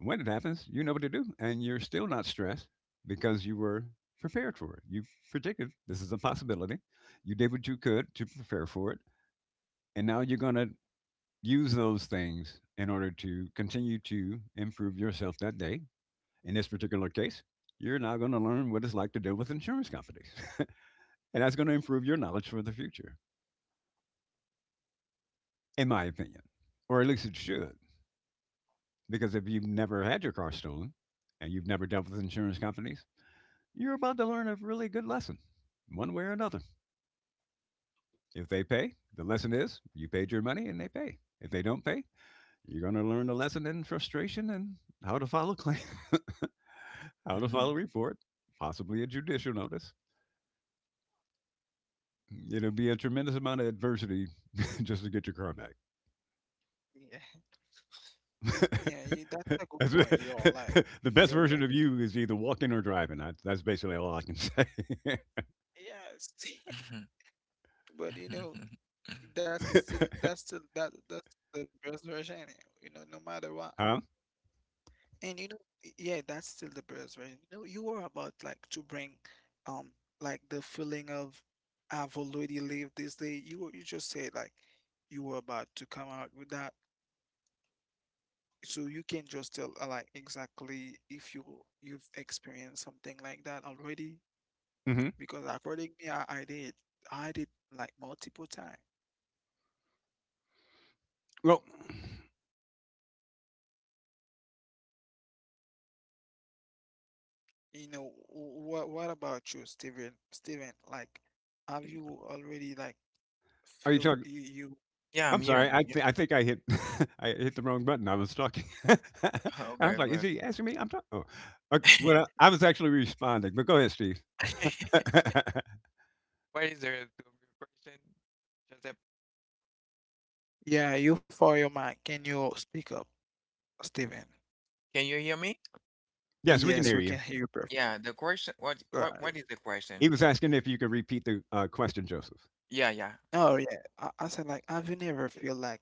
B: when it happens, you know what to do and you're still not stressed because you were prepared for it. You predicted this is a possibility. You did what you could to prepare for it. And now you're going to use those things in order to continue to improve yourself that day. In this particular case, you're now going to learn what it's like to deal with insurance companies. (laughs) And that's going to improve your knowledge for the future, in my opinion. Or at least it should. Because if you've never had your car stolen and you've never dealt with insurance companies, you're about to learn a really good lesson, one way or another. If they pay, the lesson is you paid your money and they pay. If they don't pay, you're going to learn a lesson in frustration and how to file a claim, (laughs) how to file
C: Mm-hmm.
B: a report, possibly a judicial notice. It'll be a tremendous amount of adversity (laughs) just to get your car back.
A: yeah, yeah. You, that's a good point.
B: (laughs)
A: You're like
B: the best
A: you're bringing
B: version of you is either walking or driving. That's that's basically all I can say.
A: yes, (laughs) but you know
C: Mm-hmm.
A: that's still that's
B: (laughs)
A: still that that's the best version anyway. You know, no matter what.
B: huh?
A: And you know, y- yeah, that's still the best version. You know, you were about like to bring, um, like the feeling of I've already lived this day. You were- you just said like you were about to come out with that, so you can just tell uh, like exactly if you you've experienced something like that already.
B: hmm
A: Because according me, I, I did, I did like multiple times.
B: Well,
A: You know, what what about you, Steven? Steven, like, have
C: (laughs)
A: you already like
B: are you
A: feel
B: talking?
A: you you
C: Yeah, I'm
B: I'm sorry.
C: here.
B: I
C: Yeah.
B: th-
C: (laughs)
B: I think I hit (laughs) I hit the wrong button. I was talking, (laughs) and I
C: Okay,
B: was like, "Is
C: well.
B: he asking me?" I'm talking. Oh, okay. Well, uh,
C: (laughs)
B: I was actually responding. But go ahead, Steve. (laughs)
C: What is the the question? Joseph,
A: Yeah, you for your mic. Can you speak up, Steven?
C: can you hear me?
B: Yes, we can
A: Yes,
B: hear
A: we
B: you.
A: can hear you perfect.
C: Yeah, the question. What what what
A: Right.
C: is the
B: He
C: question?
B: was asking if you could repeat the uh, question, Joseph.
C: Yeah, yeah,
A: Oh yeah. I, I said like have you never feel like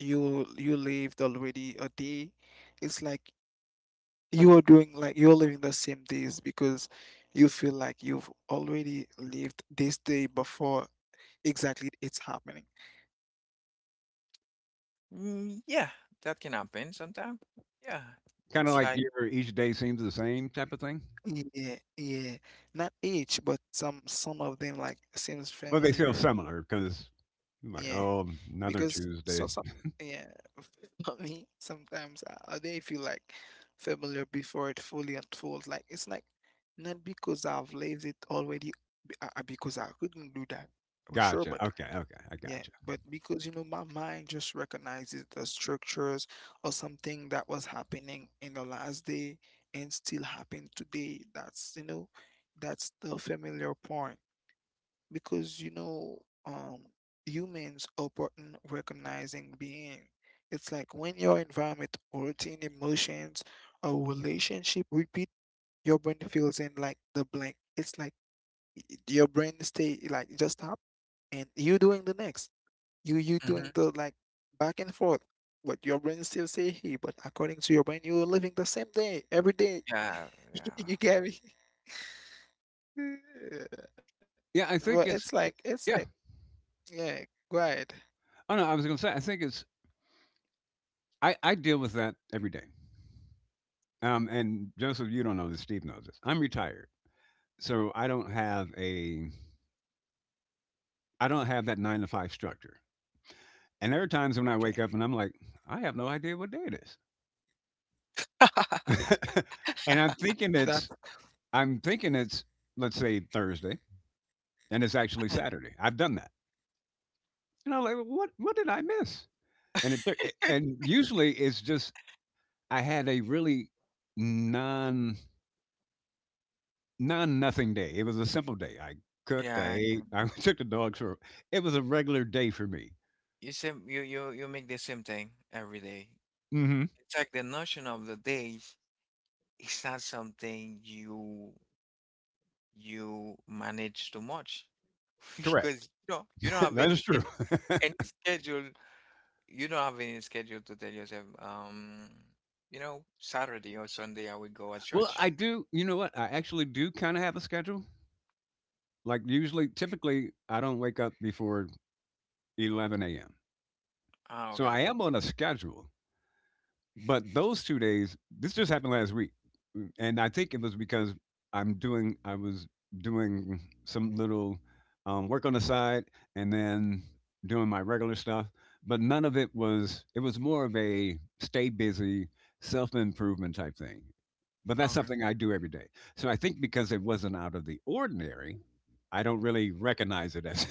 A: you you lived already a day? It's like you are doing like you're living the same days because you feel like you've already lived this day before exactly it's happening.
C: mm, yeah. That can happen sometimes. Yeah,
B: Kind of
C: it's
B: like (laughs)
C: like
B: your each day seems the same type of thing.
A: Yeah, yeah. Not each, but some some of them like seems
B: Well, they feel
A: familiar.
B: similar because like,
A: Yeah.
B: oh, another
A: Because
B: Tuesday.
A: so, so yeah (laughs) for me sometimes I, I they feel like familiar before it fully unfolds. Like it's like not because I've lived it already b- uh, uh, because I couldn't do that, I'm sure
B: Gotcha.
A: about that.
B: Okay. Okay. I
A: Yeah,
B: gotcha.
A: but because you know my mind just recognizes the structures or something that was happening in the last day and still happen today. That's you know that's the familiar point, because you know um humans are button recognizing being. It's like when your environment routine emotions or relationship repeat, your brain fills in like the blank. It's like y- y- your brain stay like just stop and you doing the next, you you
C: Mhm.
A: doing the like back and forth, but your brain still say hey, but according to your brain you're living the same day every day.
C: Yeah, yeah,
A: (laughs) You get me? (laughs)
B: Yeah,
A: Well,
B: I
A: it's
B: think
A: like
B: it's.
A: it's like
B: Yeah.
A: yeah, right,
B: Oh no, I was gonna say. I think it's. I I deal with that every day. Um, and Joseph, you don't know this. Steve knows this. I'm retired, so I don't have a I don't have that nine to five structure. And there are times when
A: okay.
B: I wake up and I'm like, I have no idea what day it is, (laughs) and I'm thinking
A: That's
B: it's I'm thinking it's let's say Thursday, and it's actually Saturday. I've done that, and I'm like, "Well, what what did I miss? And it took- and usually it's just I had a really non non nothing day. It was a simple day. I cooked, I
C: yeah. I
B: ate,
C: know.
B: I (laughs) took the dogs for. It was a regular day for me.
C: You same you you you make the same thing every day.
B: Mhm.
C: It's like the notion of the day is not something you you manage too much (laughs)
B: Correct.
C: because you know you
B: (laughs)
C: don't have
B: That is
C: any
B: true.
C: any any
B: (laughs)
C: schedule. You don't have any schedule to tell yourself um you know Saturday or Sunday I will go at
B: Well,
C: church.
B: I do you know what? I actually do kinda have a schedule. Like, usually typically, I don't wake up before eleven a m.
C: Ah,
B: So,
C: okay.
B: I am on a schedule, but those two days this just happened last week, m and I think it was because I'm doing I was doing some little, um, work on the side and then doing my regular stuff, but none of it was it was more of a stay busy, self-improvement type thing. But that's
C: Okay.
B: something I do every day. So I think because it wasn't out of the ordinary, I don't really recognize it as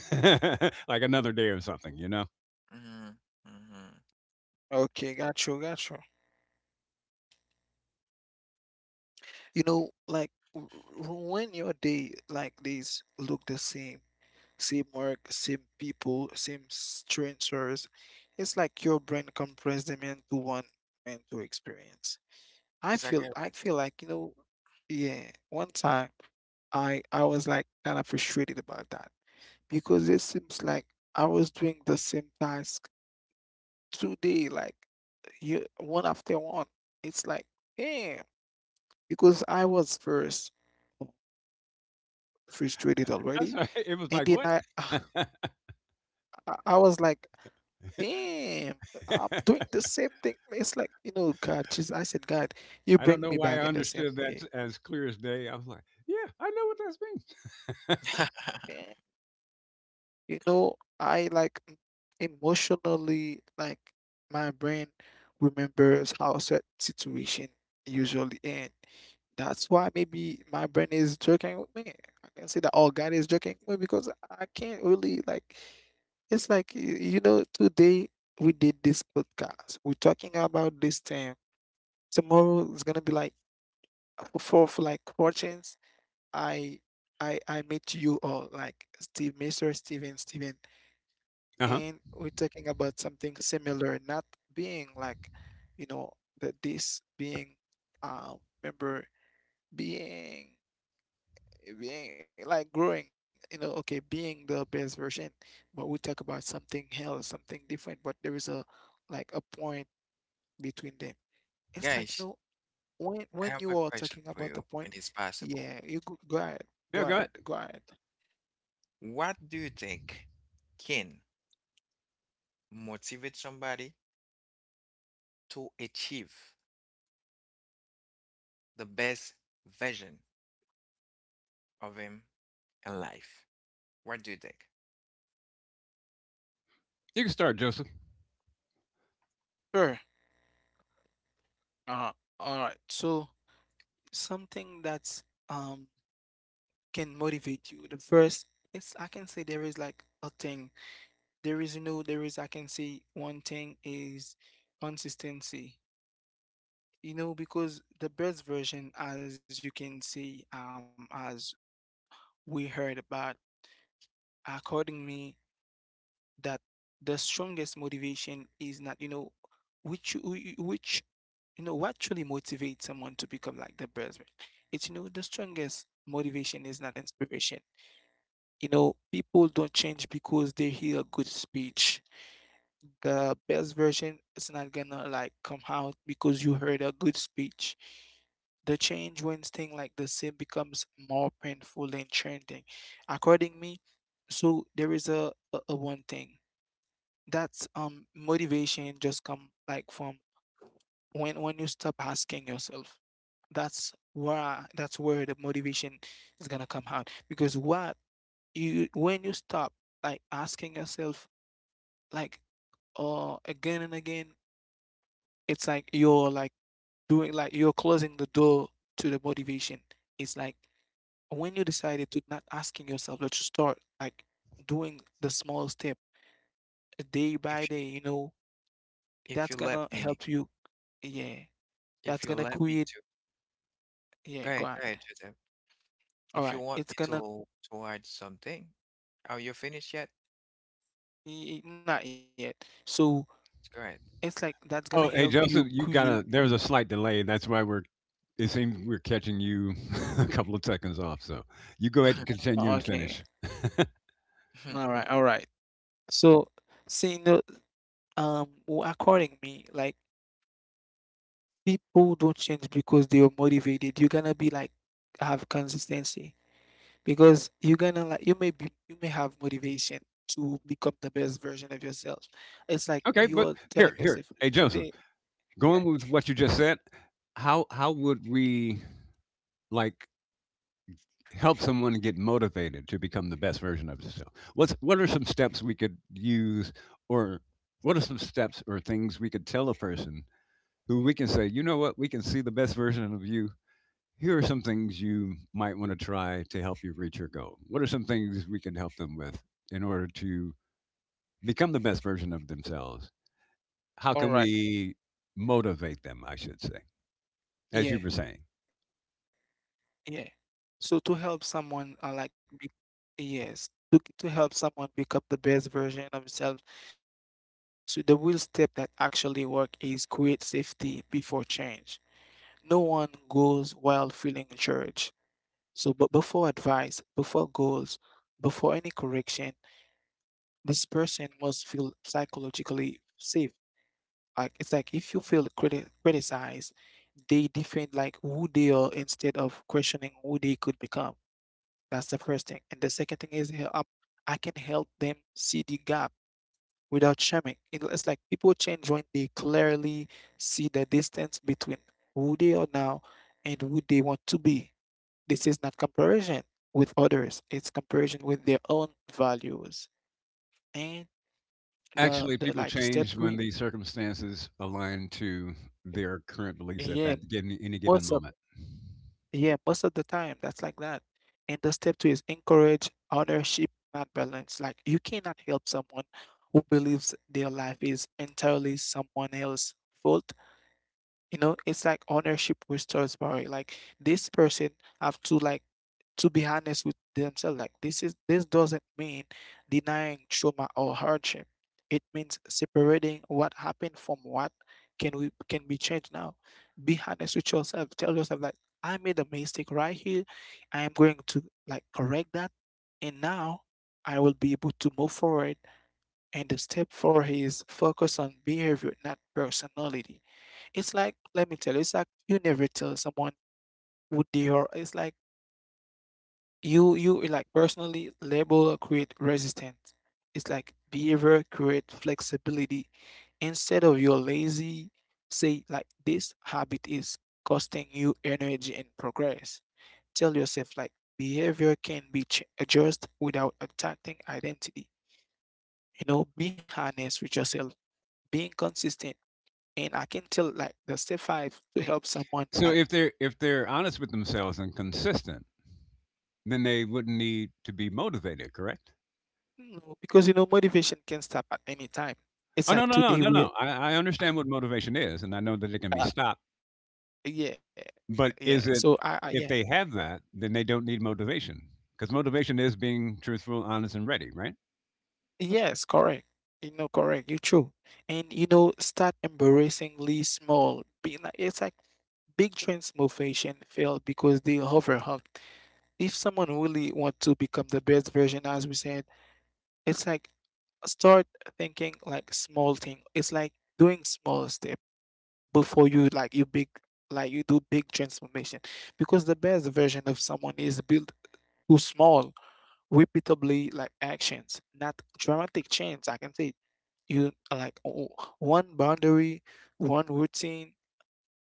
B: (laughs) like another day or something, you know?
C: Mm-hmm. Mm-hmm.
A: okay, got you, got you. You know, like w- w- when your day like this look the same, same work, same people, same strangers, it's like your brain compressed them into one mental experience. I
C: It's like
A: feel, I
C: every-
A: feel like, you know, yeah, one time I I was like kind of frustrated about that because it seems like I was doing the same task today, like you one after one. It's like, damn, because I was first frustrated
B: That's
A: already,
B: why (laughs) it was
A: and
B: like,
A: then
B: what?
A: I (sighs)
B: (laughs)
A: I I was like, damn, I'm doing the same thing. It's like, you know, God, Jesus, I said, God, you
B: I don't
A: bring
B: know
A: me
B: why
A: back
B: I
A: in the same
B: understood that
A: thing.
B: as clear as day. I was like, yeah, I know what that means.
C: (laughs)
A: You know, I like m- emotionally, like, my brain remembers how certain situation usually end. That's why maybe my brain is joking with me. I can say that all God is joking with me because I can't really like, it's like y- you know, today we did this podcast. We're talking about this thing. Tomorrow is gonna be like for, for like fortunes. I I I met you all like Steve, mister Steven, Steven,
B: Uh huh.
A: and we're talking about something similar, not being like, you know, that this being, um, remember being being like growing, you know, okay, being the best version, but we talk about something else, something different, but there is a like a point between them. It's like, you know,
C: guys,
A: when when
C: I have
A: you
C: a
A: are
C: question
A: talking
C: for
A: about the
C: you
A: point.
C: when it's possible.
A: Yeah, you go, go ahead, go
B: Yeah, go
A: ahead,
B: ahead.
A: go ahead.
C: What do you think can motivate somebody to achieve the best version of him in life? What do you think?
B: You can start, Joseph.
A: Sure. Uh, all right. So something that's um can motivate you. The first, it's, I can say, there is like a thing. There is, you know, there is, I can say, one thing is consistency. You know, because the best version, as you can see, um, as we heard about, according me, that the strongest motivation is not, you know, which whi- which you know what truly motivates someone to become like the best. ver- It's, you know, the strongest motivation is not inspiration. You know, people don't change because they hear a good speech. The best version is not gonna like come out because you heard a good speech. The change when things like the same becomes more painful and trending. According me, so there is a, a, a one thing that's um motivation just come like from when when you stop asking yourself. That's where that's where the motivation is gonna come out, because why you, when you stop like asking yourself, like, uh again and again, it's like you're like doing, like you're closing the door to the motivation. It's like when you decided to not asking yourself, let's just start like doing the small step day by
C: If
A: day, you know,
C: if
A: that's
C: you let
A: gonna
C: me,
A: help you. Yeah,
C: if
A: that's
C: you
A: gonna
C: let me
A: create.
C: to,
A: Yeah,
C: go
A: go
C: ahead, go
A: ahead.
C: ahead, Joseph.
A: All
C: If you
A: right,
C: want me
A: it's gonna,
C: to to add something, are you finished yet?
A: y- not yet. So
C: Go ahead.
A: it's like that's gonna
B: Oh, hey,
A: help
B: Joseph,
A: you
B: you got a,
A: create.
B: there's a slight delay. That's why we're, it seems we're catching you (laughs) a couple of seconds off. So you go ahead and
C: (laughs)
B: continue and
A: Okay.
B: finish.
A: All right, all right. So, seeing the um, w- according me, like, people don't change because they are motivated. You're gonna be like have consistency because you're gonna like, you may be you may have motivation to become the best version of yourself. It's like
B: Okay, but
A: you're telling
B: here, here,
A: yourself
B: hey, Joseph,
A: today.
B: going
A: Yeah,
B: with what you just said, how how would we like help someone get motivated to become the best version of themselves? What's what are some steps we could use, or what are some steps or things we could tell a person who we can say, you know what, we can see the best version of you. Here are some things you might want to try to help you reach your goal. What are some things we can help them with in order to
A: all right,
B: become the best version of
A: yeah,
B: themselves?
A: got, I got you.
B: How can
A: So,
B: we
A: uh,
B: motivate them? I should say, as you were saying.
A: yeah. Yeah. So to help someone, uh, like, be, yes, to, to help someone become the best version of themselves, so the real step that actually work is create safety before change. No one goes while feeling church. So, but before advice, before goals, before any correction, this person must feel psychologically safe. Like it's like if you feel criti- criticized, they defend like who they are instead of questioning who they could become. That's the first thing. And the second thing is, he- um, I can help them see the gap without shaming. It- It's like people change when they clearly see the distance between who they are now and who they want to be. This is not comparison with others, it's comparison with their own values. And
B: Actually,
A: the
B: people
A: the like
B: change
A: step
B: when the
A: three.
B: circumstances align to their current beliefs at
A: Yeah,
B: that given any given
A: most
B: moment.
A: yeah, most of the time, that's like that. And the step two is encourage ownership, not balance. Like you cannot help someone who believes their life is entirely someone else's fault. You know, it's like ownership restores power. Like this person have to like to be honest with themselves. Like this is this doesn't mean denying trauma or hardship. It means separating what happened from what can, we can be changed now. Be honest with yourself. Tell yourself like I made a mistake right here. I am going to like correct that, and now I will be able to move forward. And the step for is focus on behavior, not personality. It's like, let me tell you, it's like you never tell someone who they are. It's like you you eh, like personally label or create resistance. It's like behavior create flexibility. Instead of you're lazy, say like this habit is costing you energy and progress. Tell yourself like behavior can be ch- adjusted without attacking identity. You know, be honest with yourself, being consistent. And I can tell like the step five to help someone,
B: So
A: like,
B: if they're if they're honest with themselves and consistent, then they wouldn't need to be motivated, correct?
A: no, because you know motivation can stop at any time. It's
B: Oh no,
A: like
B: no, no,
A: today
B: no,
A: we,
B: no. I, I understand what motivation is and I know that it can be
A: uh,
B: stopped.
A: yeah,
B: But
A: yeah.
B: is
A: So
B: it
A: I, I, yeah,
B: if they have that, then they don't need motivation. Because motivation is being truthful, honest, and ready, right?
A: yes, correct. You know, correct. You're true. And you know, start embarrassingly small. Being like, it's like big transformation fail because they overhooked. If someone really want to become the best version, as we said, it's like start thinking like small thing. It's like doing small step before you, like, you big, like, you do big transformation, because the best version of someone is built through small, repeatably like actions, not dramatic change, I can say. You like o- one boundary, one routine,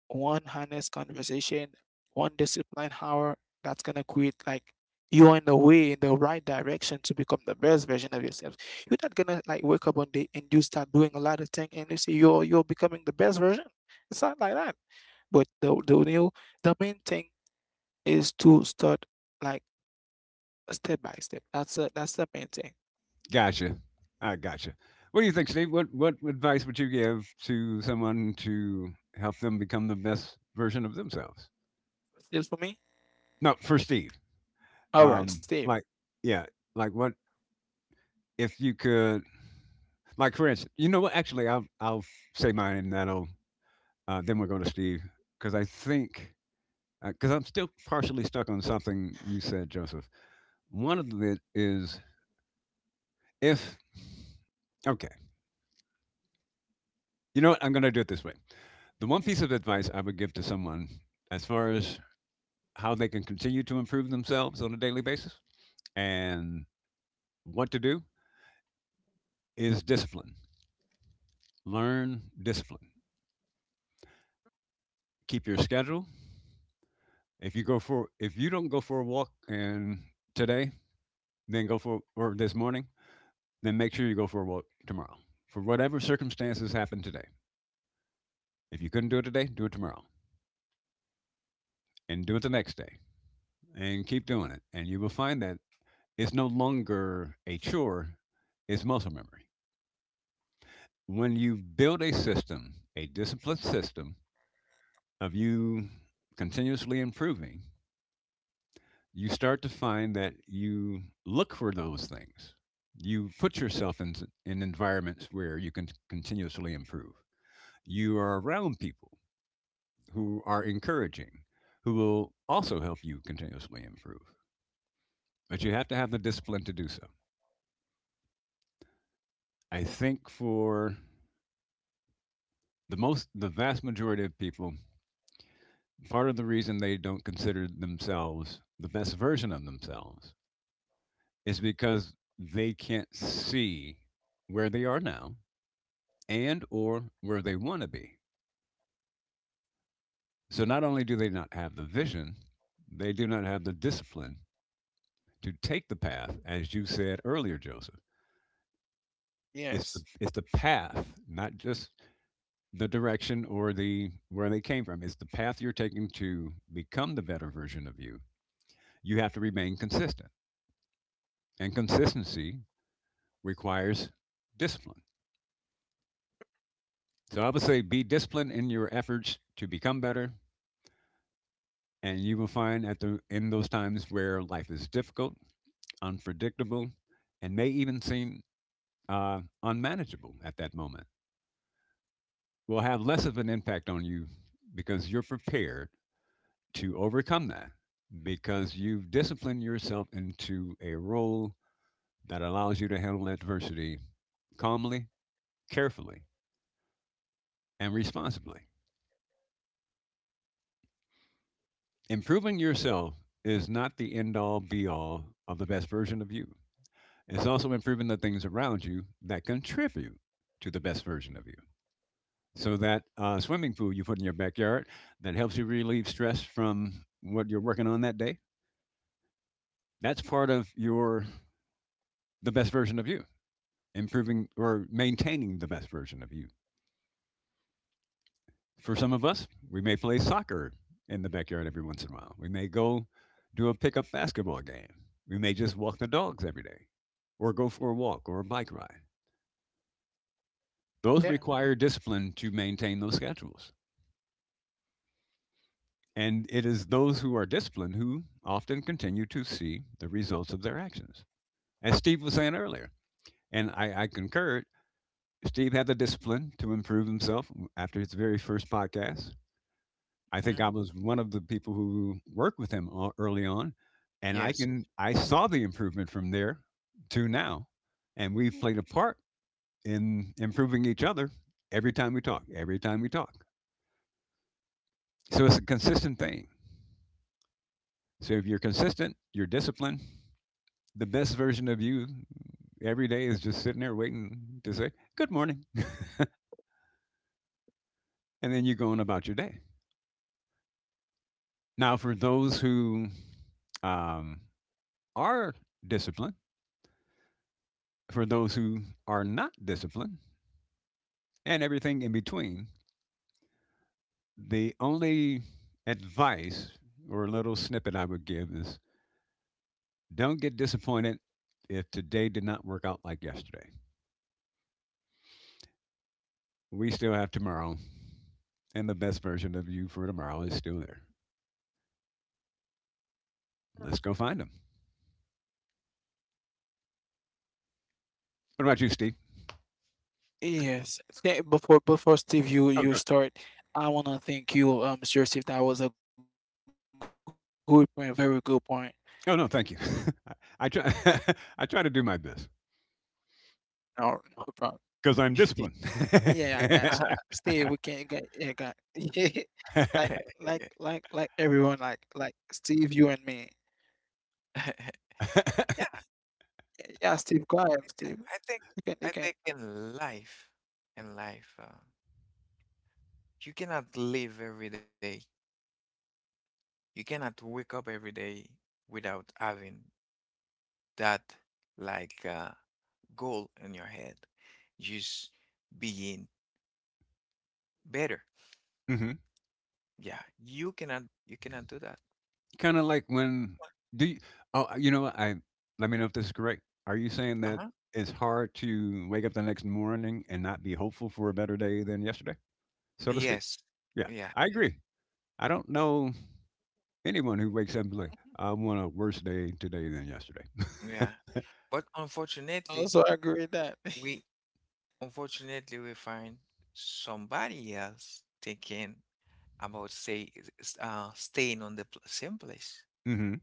A: one honest conversation, one disciplined hour. That's gonna create like you're in the way, in the right direction to become the best version of yourself. You're not gonna like wake up one day and you start doing a lot of things and you say you're you're becoming the best version. It's not like that. But the the new, the main thing is to start like step by step. That's a, that's the main thing.
B: Gotcha. I gotcha. What do you think, Steve? What what advice would you give to someone to help them become the best version of themselves?
A: Still for me?
B: No, for Steve.
A: All right,
B: Um,
A: Steve.
B: like, yeah, like what if you could, like, for instance, you know what? Actually, I'll I'll say mine, and that'll uh, then we'll go to Steve because I think because I'm still partially stuck on something you said, Joseph. One of it is if okay. You know what? I'm going to do it this way. The one piece of advice I would give to someone as far as how they can continue to improve themselves on a daily basis and what to do is discipline. Learn discipline. Keep your schedule. If you go for if you don't go for a walk and today, then go for or this morning, then make sure you go for a walk tomorrow. For whatever circumstances happen today. If you couldn't do it today, do it tomorrow and do it the next day and keep doing it and you will find that it's no longer a chore, it's muscle memory. When you build a system, a disciplined system of you continuously improving, you start to find that you look for those things. You put yourself in, in environments where you can continuously improve. You are around people who are encouraging, who will also help you continuously improve. But you have to have the discipline to do so. I think for the most, the vast majority of people, part of the reason they don't consider themselves the best version of themselves is because they can't see where they are now and or where they want to be. So not only do they not have the vision, they do not have the discipline to take the path as you said earlier, Joseph. It's
A: Yes.
B: the it's the path, not just the direction or the where they came from. It's the path you're taking to become the better version of you. You have to remain consistent. And consistency requires discipline. So I would say be disciplined in your efforts to become better, and you will find at the in those times where life is difficult, unpredictable, and may even seem uh, unmanageable at that moment, will have less of an impact on you because you're prepared to overcome that because you've disciplined yourself into a role that allows you to handle adversity calmly, carefully, and responsibly. Improving yourself is not the end all be all of the best version of you. It's also improving the things around you that contribute to the best version of you. So, that uh, swimming pool you put in your backyard that helps you relieve stress from what you're working on that day, that's part of your the best version of you, improving or maintaining the best version of you. For some of us, we may play soccer in the backyard every once in a while. We may go do a pickup basketball game. We may just walk the dogs every day or go for a walk or a bike ride.
A: Yeah.
B: Those require discipline to maintain those schedules. And it is those who are disciplined who often continue to see the results of their actions. As Steve was saying earlier, and I, I concurred, Steve had the discipline to improve himself after his very first podcast. I think I
C: Mhm.
B: was one of the people who worked with him o- early on, and I
C: Yes.
B: can I saw the improvement from there to now, and we've played a part in improving each other every time we talk. Every time we talk, so it's a consistent thing. So if you're consistent, you're disciplined. The best version of you every day is just sitting there waiting to say good morning, (laughs) and then you're going about your day. Now, for those who um, are disciplined, for those who are not disciplined, and everything in between. The only advice or little snippet I would give is don't get disappointed if today did not work out like yesterday. We still have tomorrow, and the best version of you for tomorrow is still there. Let's go find them. What about you, Steve?
A: Yes. Th- Before before Steve, you
B: Oh,
A: you
B: good.
A: start. I wanna thank you, um, mister Steve. That was a good point, very good point.
B: Oh no, thank you. (laughs) I, I try. (laughs) I try to do my best
A: No, no problem. (laughs)
B: because
A: Yeah,
B: I'm
A: I got
B: disciplined.
A: you, Steve. We
B: (laughs)
A: can't get, yeah,
C: (laughs)
A: got. (laughs) Like, like like like
B: (laughs)
A: everyone, like like Steve, you and me.
C: Yeah,
A: Yeah, Steve, go ahead, Steve.
C: I
A: You can
C: I
A: you
C: think
A: can
C: I think in life, in life, uh, you cannot live every day. You cannot wake up every day without having that like uh, goal in your head, just being better.
B: Mhm.
C: Yeah, you cannot you cannot do that.
B: Kind of like when do you, oh, you know, what, I let me know if this is correct. Are you saying that
C: Uh-huh.
B: it's hard to wake up the next morning and not be hopeful for a better day than yesterday, so to speak?
C: Yes.
B: Yeah,
C: Yeah.
B: I
C: Yeah.
B: agree. I don't know anyone who wakes up and like, I want a worse day today than yesterday. (laughs)
C: Yeah. But unfortunately,
A: Also,
C: g-
A: I agree with that. (laughs)
C: we unfortunately we find somebody else thinking about say s- s- uh staying on the pl- same place
B: Hmm.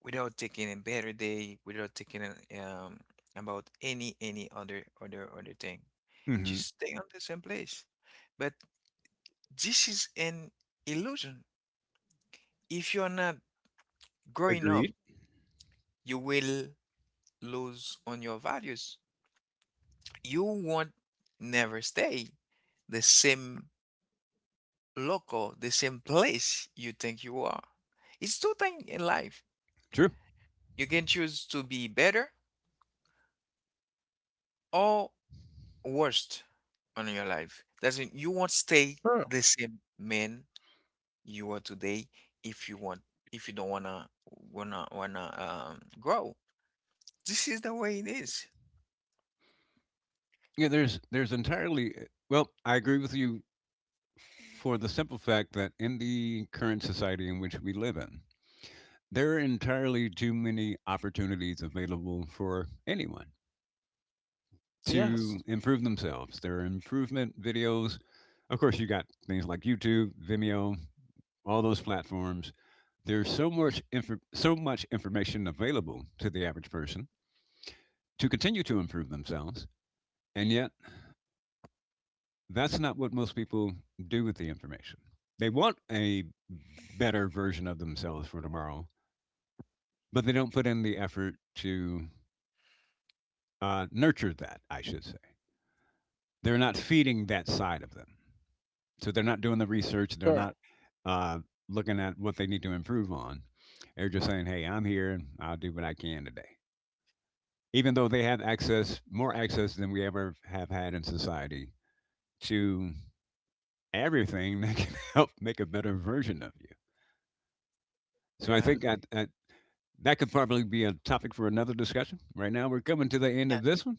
C: without taking a better day, without taking a, um about any any other other other thing.
B: Hmm.
C: Just stay on the same place. But this is an illusion. If you're not growing up,
B: Agreed.
C: you will lose on your values. You won't never stay the same local, the same place you think you are. It's two things in life.
B: True.
C: You can choose to be better or worst on your life. That's mean you won't stay
A: Girl,
C: the same man you are today if you want if you don't wanna wanna wanna um, grow. This is the way it is.
B: Yeah, there's there's entirely eh, well, I agree with you for the simple fact that in the current society in which we live in, there are entirely too many opportunities available for anyone to
A: yes,
B: improve themselves. There are improvement videos. Of course, you got things like YouTube, Vimeo, all those platforms. There's so much infor- so much information available to the average person to continue to improve themselves, and yet that's not what most people do with the information. They want a better version of themselves for tomorrow, but they don't put in the effort to uh, nurture that. I should say they're not feeding that side of them. So they're not doing the
A: girl.
B: research. They're not uh, looking at what they need to improve on. They're just saying, "Hey, I'm here and I'll do what I can today." Even though they have access, more access than we ever have had in society, to everything (laughs) that can help make a better version of you. So I
C: Yeah.
B: think I, I, that could probably be a topic for another discussion. Right now, we're coming to the end
C: Yeah.
B: of this one.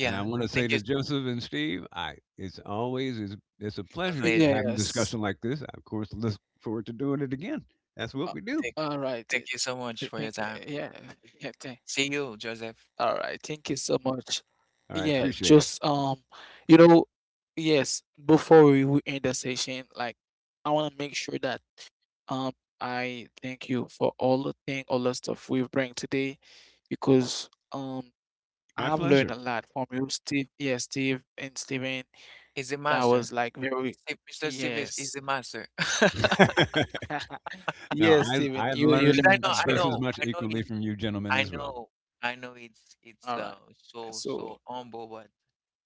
B: And I want to say
C: Thank you.
B: to
C: S-
B: Joseph and Steve, I it's always it's, it's a
C: uh,
B: pleasure to
C: later.
B: have a
A: Yes.
B: discussion like this. I, of course, look forward to doing it again.
A: Uh,
B: That's what we do.
A: all
C: Thank,
A: right. th-
C: thank you so
A: th- Thank,
C: much for your
A: yeah.
C: time.
A: (laughs) Yeah, thank.
C: See you,
A: All
C: Joseph.
A: right. Thank you so much.
B: All
A: Yeah,
B: right, appreciate
A: just
B: it.
A: um, you know, yes, before we, we end the session, like I want to make sure that um I thank you for all the thing, all the stuff we bring today, because um
B: My
A: I've learned a
B: pleasure.
A: lot from you, Steve. Yeah, Steve and Steven.
C: He's the
A: That was
C: master.
A: like very,
C: Steve- mister Steve is, is
A: yes.
C: the master. (laughs) 'Cause
B: (laughs)
A: (laughs)
B: No,
A: Yes,
B: I
A: Steven,
B: I
A: you you're the
C: I
B: learned
C: know, I
B: just
A: master.
B: as
C: know,
B: much
C: I know.
B: equally
C: He's
B: from you gentlemen
C: I
B: as well.
C: know, I know it's it's
A: All
C: uh,
A: right.
C: so
A: So
C: so humble, but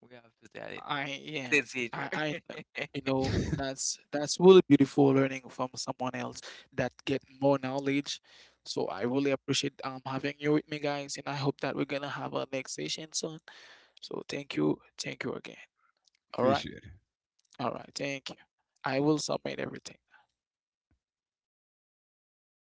C: we have to tell it.
A: I, yeah,
C: It's
A: I
C: easier.
A: I kn- you
C: (laughs)
A: know
B: (laughs)
A: that's that's really beautiful learning from someone else that get more knowledge. So I really appreciate um having you with me guys, and I hope that we're gonna have our next session soon. So thank you, thank you again. All right,
B: Appreciate. It.
A: all right, thank you. I will submit everything.